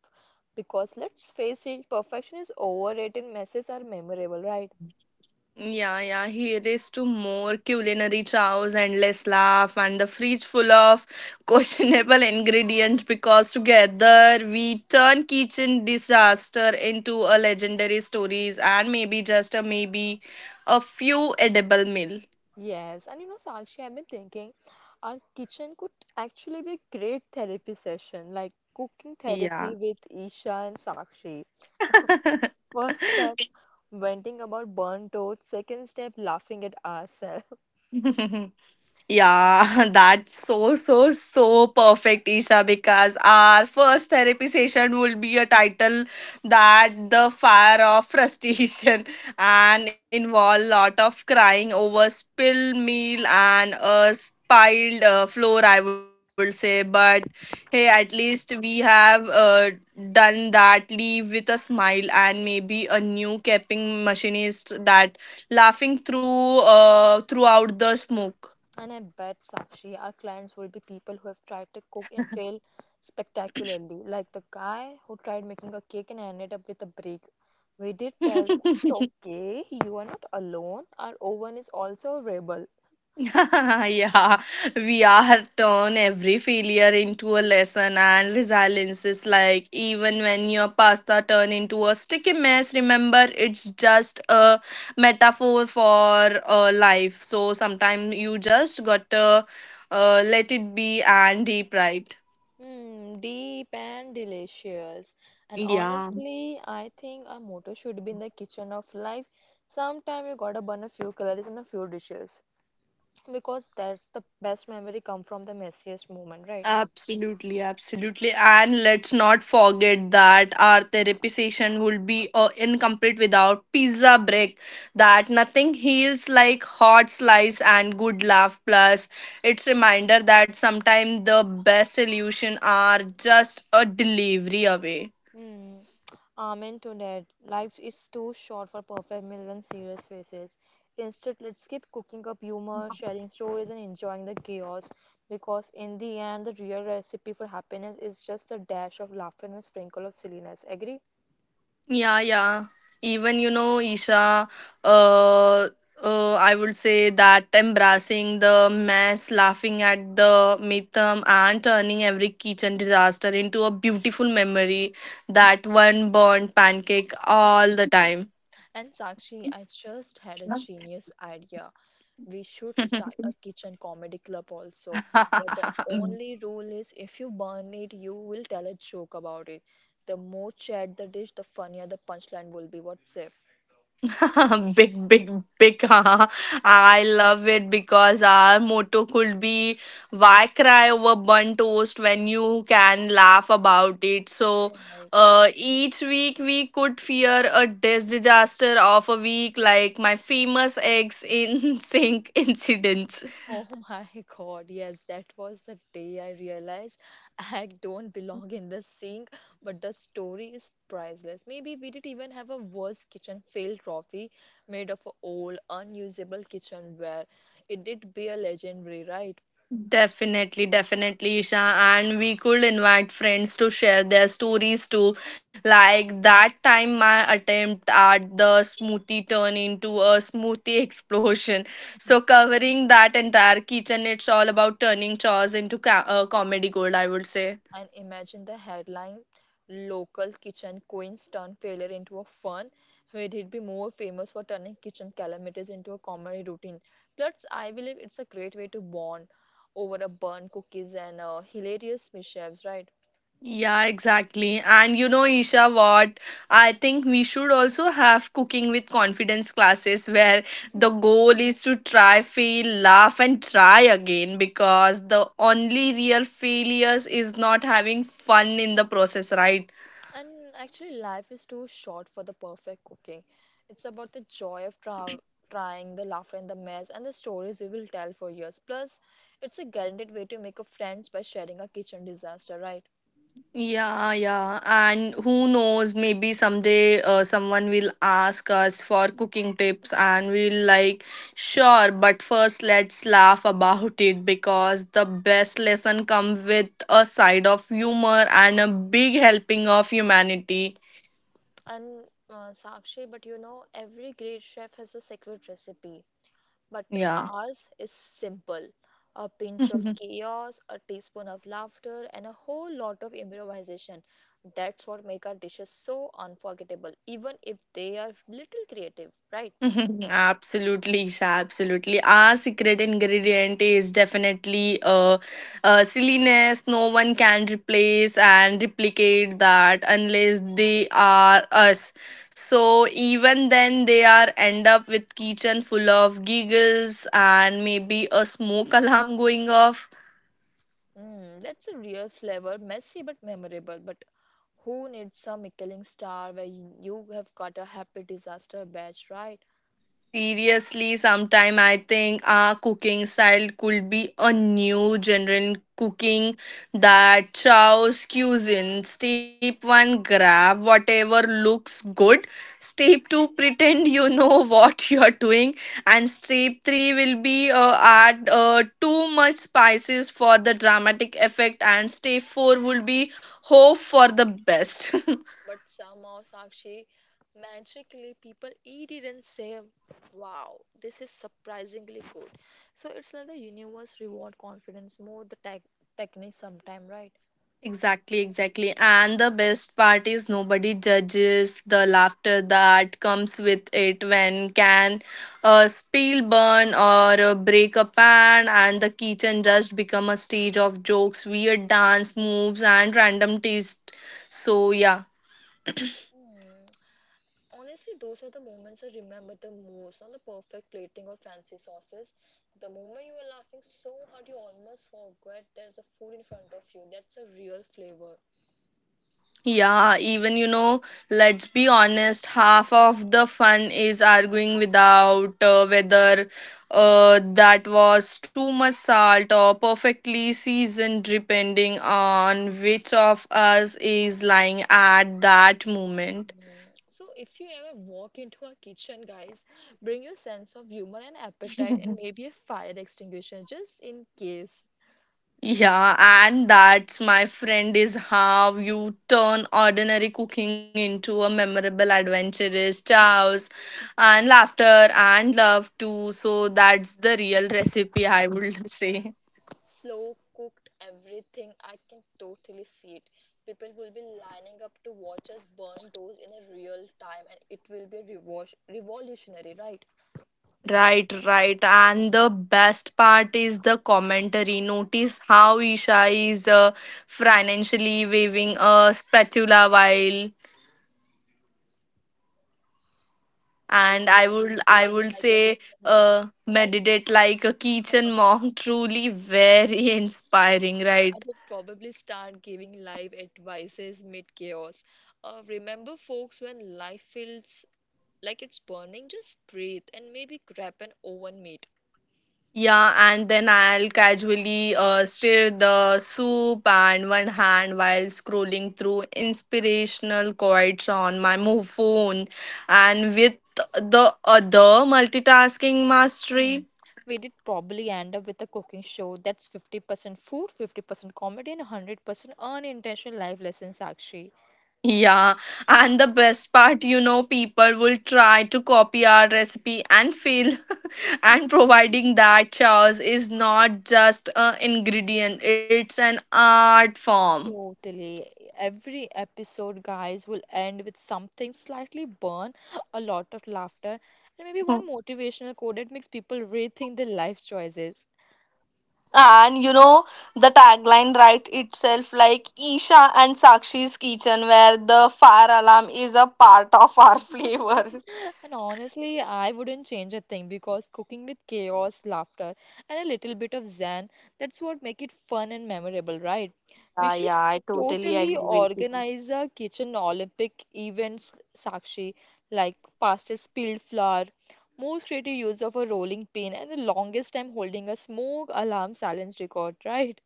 because let's face it, perfection is overrated, messes are memorable, right?
Yeah, yeah, here is to more culinary chows, endless laugh, and the fridge full of <laughs> questionable ingredients because together we turn kitchen disaster into a legendary stories and maybe just a maybe a few edible meal.
Yes, and you know, Sakshi, I've been thinking our kitchen could actually be a great therapy session, like cooking
Yeah.
therapy with Isha and Sakshi. First step,
<laughs>
venting about burnt toast. Second step, laughing at ourselves.
Yeah, <laughs> that's so perfect, Isha, because our first therapy session will be a title that the fire of frustration <laughs> and involve lot of crying over spilled meal and a spiled floor, I would say. But hey, at least we have done that. Leave with a smile and maybe a new capping machinist that laughing through
<laughs>
throughout the smoke.
And I bet, Sakshi, our clients will be people who have tried to cook and failed spectacularly, like the guy who tried making a cake and ended up with a brick. We did tell them it's
<laughs>
okay, you are not alone. Our oven is also a rebel.
Yeah, we are turn every failure into a lesson and resilience is like even when your pasta turn into a sticky mess, remember it's just a metaphor for life. So sometimes you just gotta let it be and deep right.
Hmm, deep and delicious. And
Yeah.
honestly, I think our motto should be in the kitchen of life. Sometime you gotta burn a few calories and a few dishes, because that's the best memory come from the messiest moment, right?
Absolutely, absolutely. And let's not forget that our therapy session would be incomplete without pizza break. That nothing heals like hot slice and good laugh. Plus, it's reminder that sometimes the best solution are just a delivery away.
Hmm, amen to that. Life is too short for perfect million serious faces. Instead, let's keep cooking up humor, sharing stories, and enjoying the chaos, because in the end the real recipe for happiness is just a dash of laughter and a sprinkle of silliness. Agree?
Yeah, yeah. Even you know, Isha, uh, I would say that embracing the mess, laughing at the mythm, and turning every kitchen disaster into a beautiful memory that one burnt pancake all the time.
And Sakshi, I just had a genius idea. We should start a
<laughs>
kitchen comedy club also, where the
<laughs>
only rule is if you burn it, you will tell a joke about it. The more shared the dish, the funnier the punchline will be. What's it?
<laughs> big, big, big. <laughs> Haha, I love it because our motto could be why cry over burnt toast when you can laugh about it. So, each week we could fear a disaster of a week like my famous eggs in <laughs> sink incidents.
Oh my <laughs> God, yes, that was the day I realized <laughs> I don't belong in the sink, but the story is priceless. Maybe we did even have a worst kitchen fail trophy made of old, unusable kitchenware. It did be a legendary, right?
Definitely, definitely, Isha. And we could invite friends to share their stories too. Like that time, my attempt at the smoothie turned into a smoothie <laughs> explosion. So, covering that entire kitchen, it's all about turning chores into comedy gold, I would say.
And imagine the headline, local kitchen queen into a fun, where it'd be more famous for turning calamities into a comedy routine. Plus, I believe it's a great way to bond over a burn cookies and hilarious mishaps, right?
Yeah, exactly. And you know, Isha, what? I think we should also have cooking with confidence classes where the
Mhm.
goal is to try, fail, laugh, and try again because the only real failures is not having fun in the process, right?
And actually, life is too short for the perfect cooking. It's about the joy of trying, the laughter and the mess, and the stories we will tell for years. Plus, it's a guaranteed way to make a friends by sharing a kitchen disaster, right?
Yeah, yeah. And who knows, maybe someday someone will ask us for cooking tips and we'll like, sure, but first let's laugh about it because the best lesson comes with a side of humor and a big helping of humanity.
And Sakshi, but you know, every great chef has a secret recipe, but
Yeah.
ours is simple: a pinch of
<laughs>
chaos, a teaspoon of laughter, and a whole lot of improvisation. That's what make our dishes so unforgettable, even if they are little creative, right?
<laughs> Absolutely, Isha, absolutely. Our secret ingredient is definitely silliness. No one can replace and replicate that unless they are us. So even then, they are end up with kitchen full of giggles and maybe a smoke <laughs> alarm going off.
Mm, that's a real flavor, messy but memorable. But who needs some Michelin star where you have got a happy disaster batch, right?
Seriously, sometime I think our cooking style could be a new general cooking that chows cuisine. Step one, grab whatever looks good. Step two, pretend you know <laughs> what you're doing. And step three will be add too much spices for the dramatic effect. And step four will be hope for the best. <laughs>
But somehow, Sakshi, magically people eat it and say, wow, this is surprisingly good. So it's like the universe reward confidence more the technique sometime, right?
Exactly, exactly. And the best part is nobody judges the laughter that comes with it when can a spill burn or break a pan and the kitchen just become a stage of jokes, weird dance moves and random taste. So yeah.
Hmm. Honestly, those are the moments I remember the most. Not the perfect plating or fancy sauces. The moment you are laughing so hard, you almost forget there's a food in front of you. That's a real flavor.
Yeah, even you know, let's be honest, half of the fun is arguing without whether that was too much salt or perfectly seasoned, depending on which of us is lying at that moment.
Mm. So, if you ever walk into a kitchen, guys, bring your sense of humor and appetite and maybe a fire extinguisher just in case.
Yeah, and that's my friend is how you turn ordinary cooking into a memorable adventurous chows and laughter and love too. So that's the real recipe I
Yeah,
would <laughs> say.
slow cooked everything. I can totally see it. People will be lining up to watch us burn those in a real time, and it will be revolutionary, right?
Right, right. And the best part is the commentary. Notice how Isha is financially waving a spatula while
While
and
you
i
are
would i
meditating
would
like a
say
kitchen monk,
meditate like a kitchen monk truly very <laughs> inspiring,
I
right?
would probably start giving live advices mid chaos. Remember, folks, when life feels like it's burning, just breathe and maybe grab an oven mitt.
Yeah, and then I'll casually stir the soup and one hand while scrolling through inspirational quotes on my phone and with the other multitasking
Mm,
mastery.
we did probably end up with a cooking show that's 50% food, 50% comedy, and 100% unintentional life lessons, actually.
Yeah, and the best part, you know, people will try to copy our recipe and fail and providing that chaos is not just an ingredient, it's an art form.
Totally. Every episode, guys, will end with something slightly burn, a lot of laughter, and maybe one motivational quote that makes people rethink their life choices.
And you know the tagline right itself like Isha and Sakshi's kitchen where the fire alarm is a part of our flavor. <laughs>
And honestly, I wouldn't change a thing, because cooking with chaos, laughter, and a little bit of zen, that's what make it fun and memorable, right? We
Yeah,
should
yeah, I totally
totally
agree with you.
organize a kitchen Olympic events, Sakshi, like fastest spilled flour, most creative use of a rolling pin, and the longest time holding a smoke alarm silence record, right?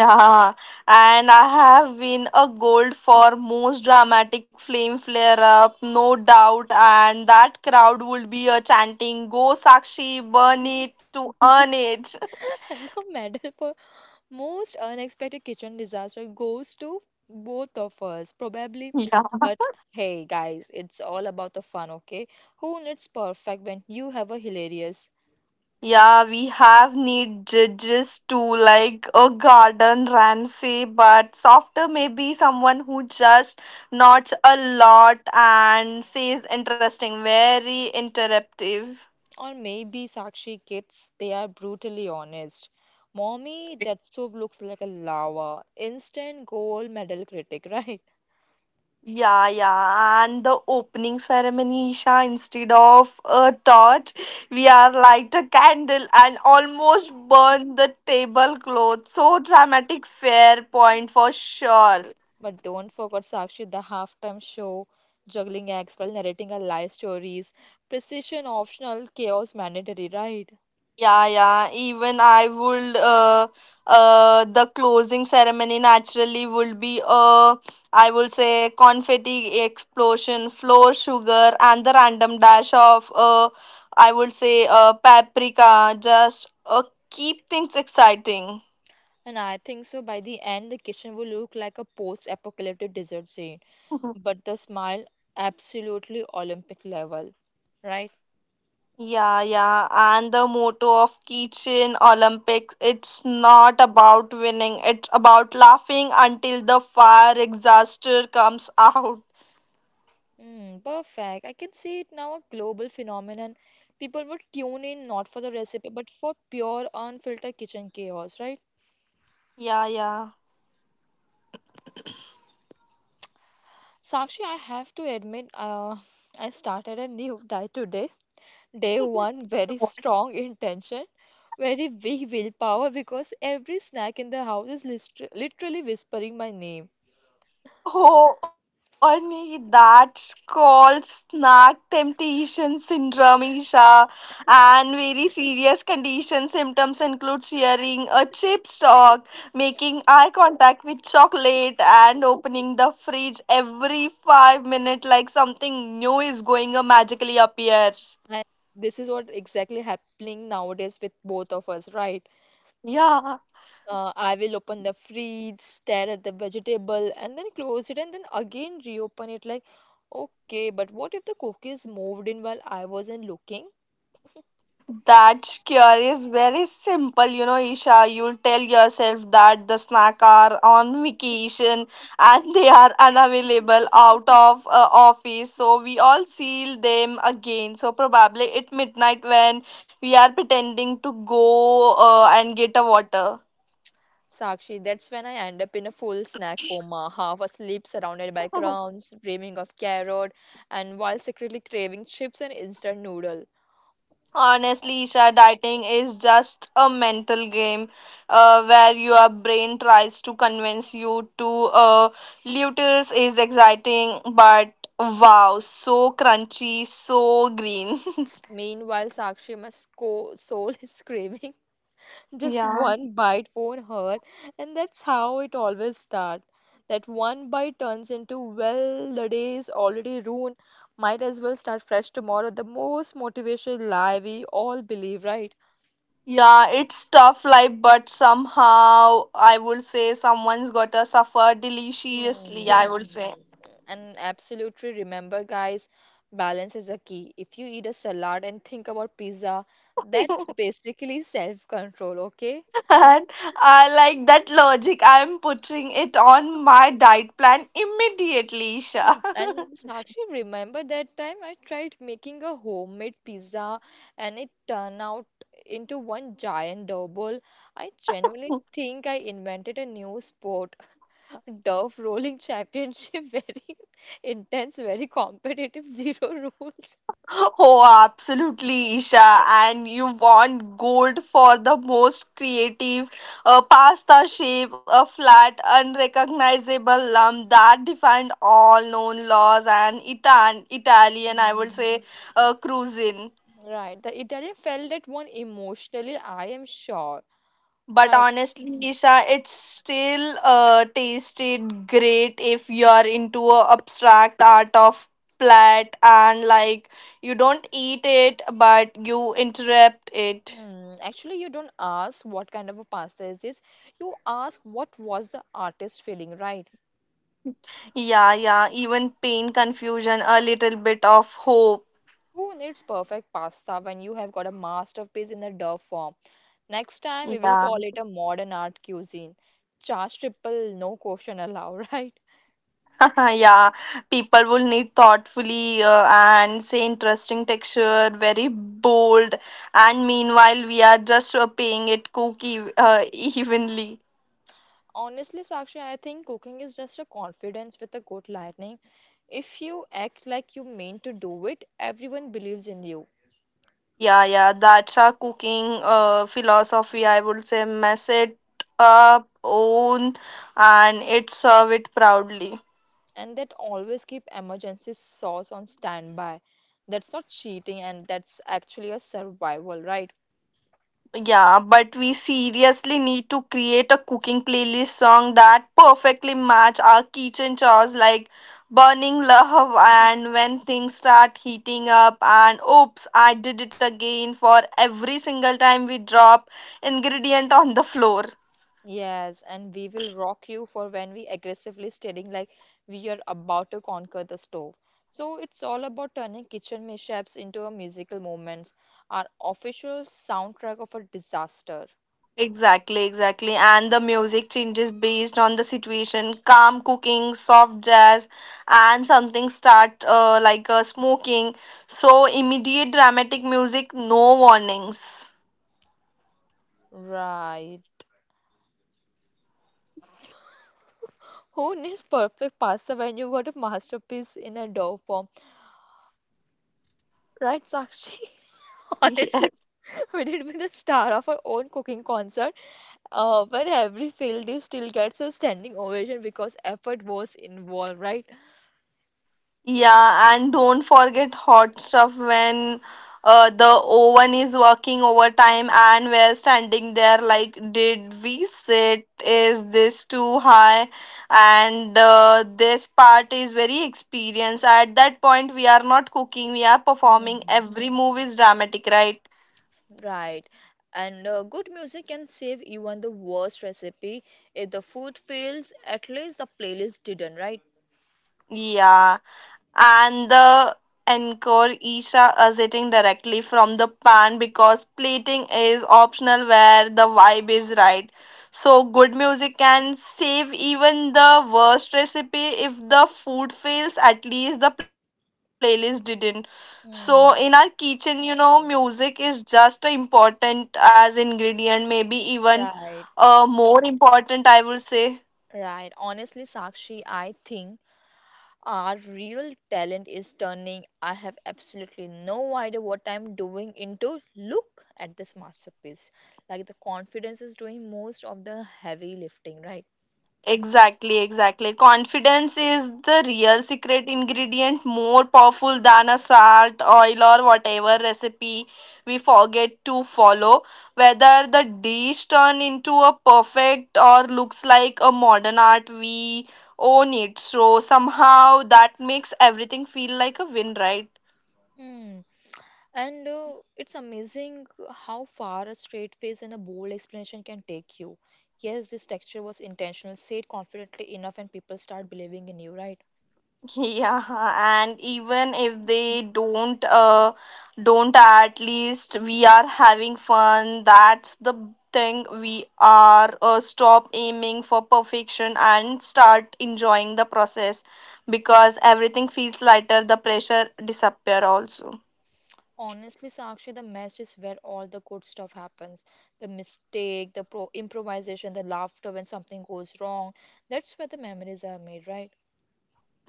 Yeah, and I have win a gold for most dramatic flame flare up, no doubt. And that crowd would be a chanting, "Go Sakshi, burn it to earn it." <laughs>
<laughs> And the medal for most unexpected kitchen disaster goes to both of us, probably.
Yeah,
But hey, guys, it's all about the fun, okay? Who needs perfect when you have a hilarious?
yeah, we have need judges too, like a garden Ramsay, but softer maybe someone who just nods a lot and says interesting, very interruptive.
Or maybe Sakshi kids, they are brutally honest. Mommy, that soup looks like a lava. Instant gold medal critic, <laughs> right?
Yeah, yeah, and the opening ceremony, Isha, instead of a torch, we are light a candle and almost burn the tablecloth. So dramatic, fair point for sure.
But don't forget Sakshi, the halftime show, juggling acts while narrating our life stories. Precision optional, chaos mandatory, right?
Yeah, yeah. Even I would. The closing ceremony naturally would be I would say confetti explosion, floor sugar, and the random dash of I would say paprika. Just keep things exciting.
And I think so by the end, the kitchen will look like a post apocalyptic desert scene,
<laughs>
but the smile absolutely Olympic level, right?
Yeah, yeah, and the motto of Kitchen Olympics, it's not about winning, it's about laughing until the fire exhaustor comes out.
Mm, perfect. I can see it now, a global phenomenon. People would tune in not for the recipe, but for pure, unfiltered kitchen chaos, right?
Yeah, yeah.
Sakshi, I have to admit, I started a new diet today. Day one, very strong intention, very weak willpower, because every snack in the house is literally whispering my name.
Oh, Ani, that's called snack temptation syndrome, Isha. And very serious condition symptoms include shearing a chip stalk, making eye contact with chocolate, and opening the fridge every 5 minutes like something new is going to magically appear.
And this is what exactly happening nowadays with both of us, right?
Yeah.
I will open the fridge, stare at the vegetable, and then close it, and then again reopen it. Like, okay, but what if the cookies moved in while I wasn't looking?
That cure is very simple, you know, Isha. You'll tell yourself that the snack are on vacation and <laughs> they are unavailable out of office. So we all seal them again. So probably at midnight when we are pretending to go and get a water.
Sakshi, that's when I end up in a full snack coma, half asleep, surrounded by crumbs, dreaming of carrot, and while secretly craving chips and instant noodle.
Honestly, Isha, dieting is just a mental game where your brain tries to convince you to lutels is exciting, but wow, so crunchy, so green. <laughs>
Meanwhile, Sakshi, my soul <laughs> is craving just
Yeah.
one bite won't hurt, and that's how it always starts. That one bite turns into, well, the day is already ruined, might as well start fresh tomorrow. The most motivational lie we all believe, right?
Yeah, it's tough life, but somehow I would say someone's gotta suffer deliciously, I
Hmm.
would say.
And absolutely remember, guys, balance is a key. If you eat a salad and think about pizza, that's basically self-control, okay?
<laughs> And I like that logic. I'm putting it on my diet plan immediately, Isha.
And
<laughs>
Sakshi, remember that time I tried making a homemade pizza and it turned out into one giant double. I genuinely think I invented a new sport, <laughs> Dove Rolling Championship, <laughs> very intense, very competitive, <laughs> zero rules.
Oh, absolutely, Isha. And you want gold for the most creative pasta shape, a flat, unrecognizable lump that defined all known laws and Italian, I would
Mm.
say, cuisine.
Right, the Italian felt that one emotionally, I am sure.
But
Right.
honestly, Isha, it still tasted great if you're into a abstract art of plat and like you don't eat it, but you interrupt it.
Hmm. Actually, you don't ask what kind of a pasta is this. You ask what was the artist feeling, right?
Yeah, yeah. Even pain, confusion, a little bit of hope.
Who needs perfect pasta when you have got a masterpiece in the dough form? Next time we will call
Yeah,
it a modern art cuisine. Charge triple, no question allowed, <laughs> right?
<laughs> yeah. People will need thoughtfully and say interesting texture, very bold. And meanwhile, we are just paying it cookie <laughs> evenly.
Honestly, Sakshi, I think cooking is just a confidence with a good lightning. If you act like you mean to do it, everyone believes in you.
Yeah, yeah. That's our cooking philosophy. I would say mess it up, own, and it serve it proudly.
And that always keep emergency sauce on standby. That's not cheating and that's actually a survival, right?
Yeah, but we seriously need to create a cooking playlist song that perfectly match our kitchen chores like burning love and when things start heating up and oops, I did it again for every single time we drop ingredient on the floor.
Yes, and we will rock you for when we aggressively staring like we are about to conquer the stove. So it's all about turning kitchen mishaps into a musical moments, our official soundtrack of a disaster.
Exactly, exactly. And the music changes based on the situation. Calm cooking, soft jazz, and something start like smoking. So immediate dramatic music, no warnings.
Right. Who needs perfect pasta when you got a masterpiece in a dough form? Right, Sakshi? <laughs> Honestly, we did be the star of our own cooking concert, where every failed dish still gets a standing ovation because effort was involved, right?
Yeah, and don't forget hot stuff when the oven is working overtime and we're standing there like, did we sit? Is this too high? And this part is very experience. At that point, we are not cooking, we are performing.
Hmm.
Every move is dramatic, right?
Right. And good music can save even the worst recipe. If the food fails, at least the playlist didn't, right?
Yeah, and the encore Isha are sitting directly from the pan because plating is optional where the vibe is right. So good music can save even the worst recipe if the food fails, at least the playlist didn't. So in our
Hmm.
kitchen, you know, music is just as important as ingredient, maybe even
Right.
more important, I will say.
Right. Honestly, Sakshi, I think our real talent is turning I have absolutely no idea what I'm doing into look at this masterpiece. Like the confidence is doing most of the heavy lifting, right?
Exactly, exactly. Confidence is the real secret ingredient, more powerful than a salt, oil, or whatever recipe we forget to follow. Whether the dish turn into a perfect or looks like a modern art, we own it. So somehow that makes everything feel like a win, right?
Hmm. And it's amazing how far a straight face and a bold explanation can take you. Yes, this texture was intentional. Say it confidently enough, and people start believing in you, right?
<laughs> Yeah, and even if they don't, at least we are having fun. That's the thing. We are stop aiming for perfection and start enjoying the process because everything feels lighter. The pressure disappear also.
Honestly, Sakshi, the mess is where all the good stuff happens. The mistake, the improvisation, the laughter when something goes wrong. That's where the memories are made, right?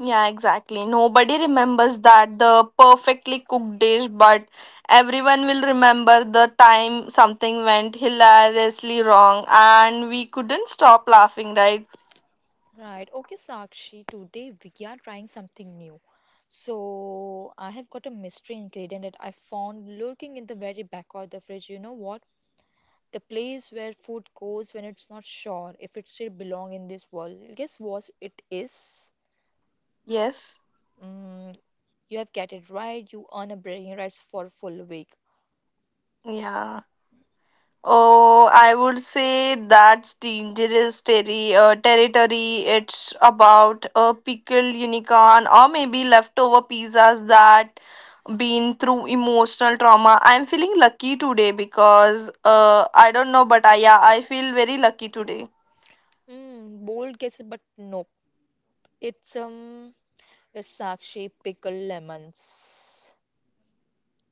Yeah, exactly. Nobody remembers that the perfectly cooked dish, but everyone will remember the time something went hilariously wrong and we couldn't stop laughing, right?
Right. Okay, Sakshi, today we are trying something new. So I have got a mystery ingredient that I found lurking in the very back of the fridge. You know what? The place where food goes when it's not sure if it still belong in this world. Guess what it is?
Yes.
Mm, you have get it right. You earn a bragging rights for a full week.
Yeah. Oh, I would say that's dangerous territory. It's about a pickled unicorn or maybe leftover pizzas that been through emotional trauma. I'm feeling lucky today because I don't know, but I feel very lucky today.
Mm, bold guesses, but nope. It's um, it's Sakshi pickle lemons.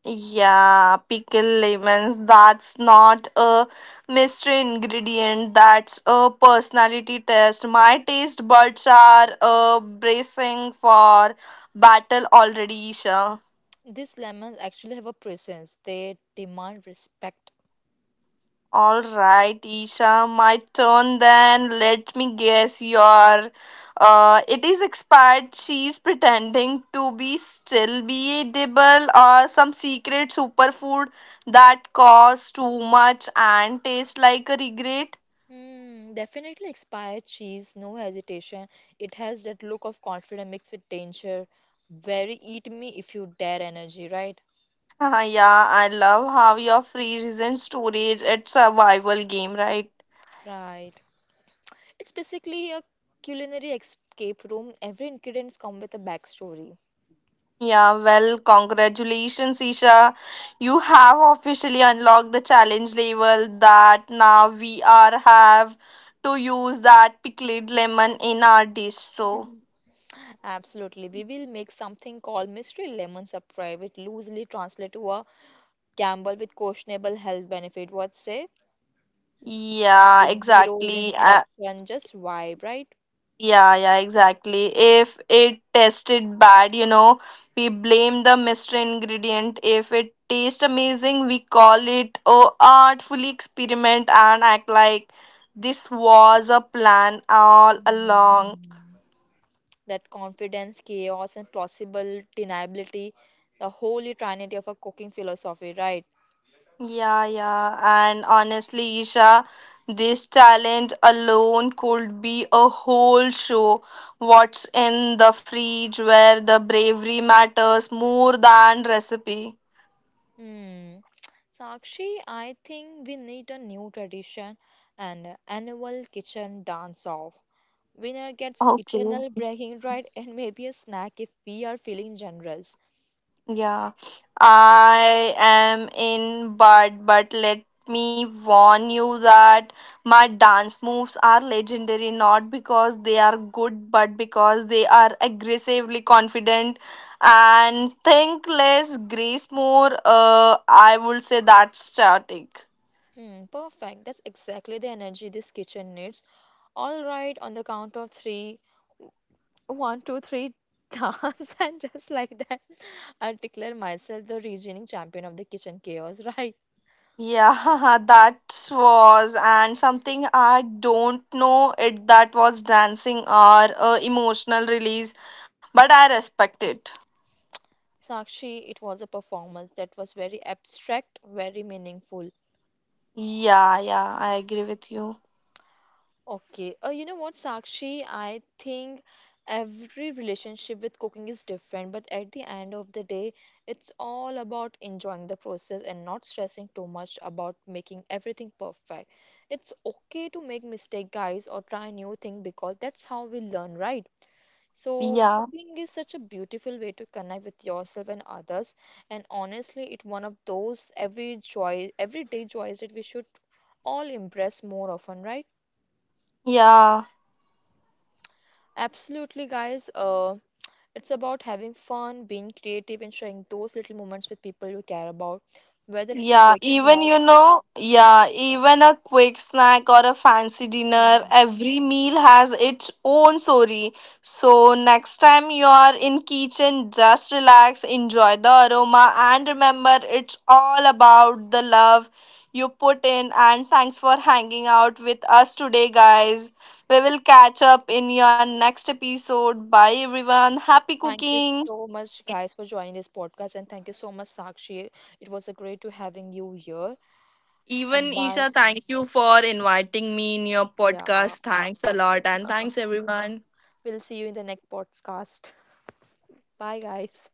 Yeah, pickle lemons, that's not a mystery ingredient, that's a personality test. My taste buds are bracing for battle already, Isha.
These lemons actually have a presence. They demand respect.
All right, Isha, my turn then. Let me guess your it is expired cheese pretending to be still be edible or some secret superfood that costs too much and tastes like a regret.
Mm, definitely expired cheese, no hesitation. It has that look of confidence mixed with danger. Very eat me if you dare energy, right?
<laughs> Yeah, I love how your freeze is in storage. It's a survival game, right?
Right. It's basically a culinary escape room. Every ingredient comes with a backstory.
Yeah, well, congratulations, Isha. You have officially unlocked the challenge level that now we are have to use that pickled lemon in our dish. So,
Absolutely. We will make something called mystery lemon surprise, which loosely translates to a gamble with questionable health benefit. What say?
yeah,
With zero
exactly.
instruction, just vibe, right?
Yeah, yeah, exactly. If it tasted bad, you know, we blame the mystery ingredient. If it tastes amazing, we call it oh, artfully experiment and act like this was a plan all along.
Mm, that confidence, chaos, and plausible deniability, the holy trinity of a cooking philosophy, right?
Yeah, yeah. And honestly, Isha, this challenge alone could be a whole show. What's in the fridge where the bravery matters more than recipe.
Hmm. Sakshi, I think we need a new tradition, an annual kitchen dance off. Winner gets
Okay.
eternal bragging right and maybe a snack if we are feeling generous.
Yeah, I am in Bard, but let me warn you that my dance moves are legendary not because they are good, but because they are aggressively confident and think less, grace more. I would say that's static.
Hmm, perfect. That's exactly the energy this kitchen needs. All right, on the count of three, one, two, three, <laughs> dance, and just like that, I declare myself the reigning champion of the kitchen chaos, <laughs> right?
Yeah, <laughs> that was and something I don't know it that was dancing or emotional release, but I respect it.
Sakshi, it was a performance that was very abstract, very meaningful.
Yeah, yeah, I agree with you.
Okay. You know what, Sakshi? I think every relationship with cooking is different, but at the end of the day, it's all about enjoying the process and not stressing too much about making everything perfect. It's okay to make mistake, guys, or try new thing, because that's how we learn, right? So
Yeah,
cooking is such a beautiful way to connect with yourself and others, and honestly, it's one of those every joy, everyday joys that we should all embrace more often, right?
yeah,
Absolutely, guys. It's about having fun, being creative, and sharing those little moments with people you care about, whether it's a
yeah.
quick
Even,
snack.
you know, yeah, even a quick snack or a fancy dinner,
Right.
every meal has its own story. So next time you are in kitchen, just relax, enjoy the aroma, and remember it's all about the love you put in. And thanks for hanging out with us today, guys. We will catch up in your next episode. Bye, everyone. Happy
Thank you
cooking.
so much, guys, for joining this podcast, and thank you so much, Sakshi. It was a great to having you here.
Even
And bye.
Isha, thank you for inviting me in your
Yeah,
podcast. Thanks a lot. And thanks, everyone.
we'll see you in the next podcast. <laughs> Bye, guys.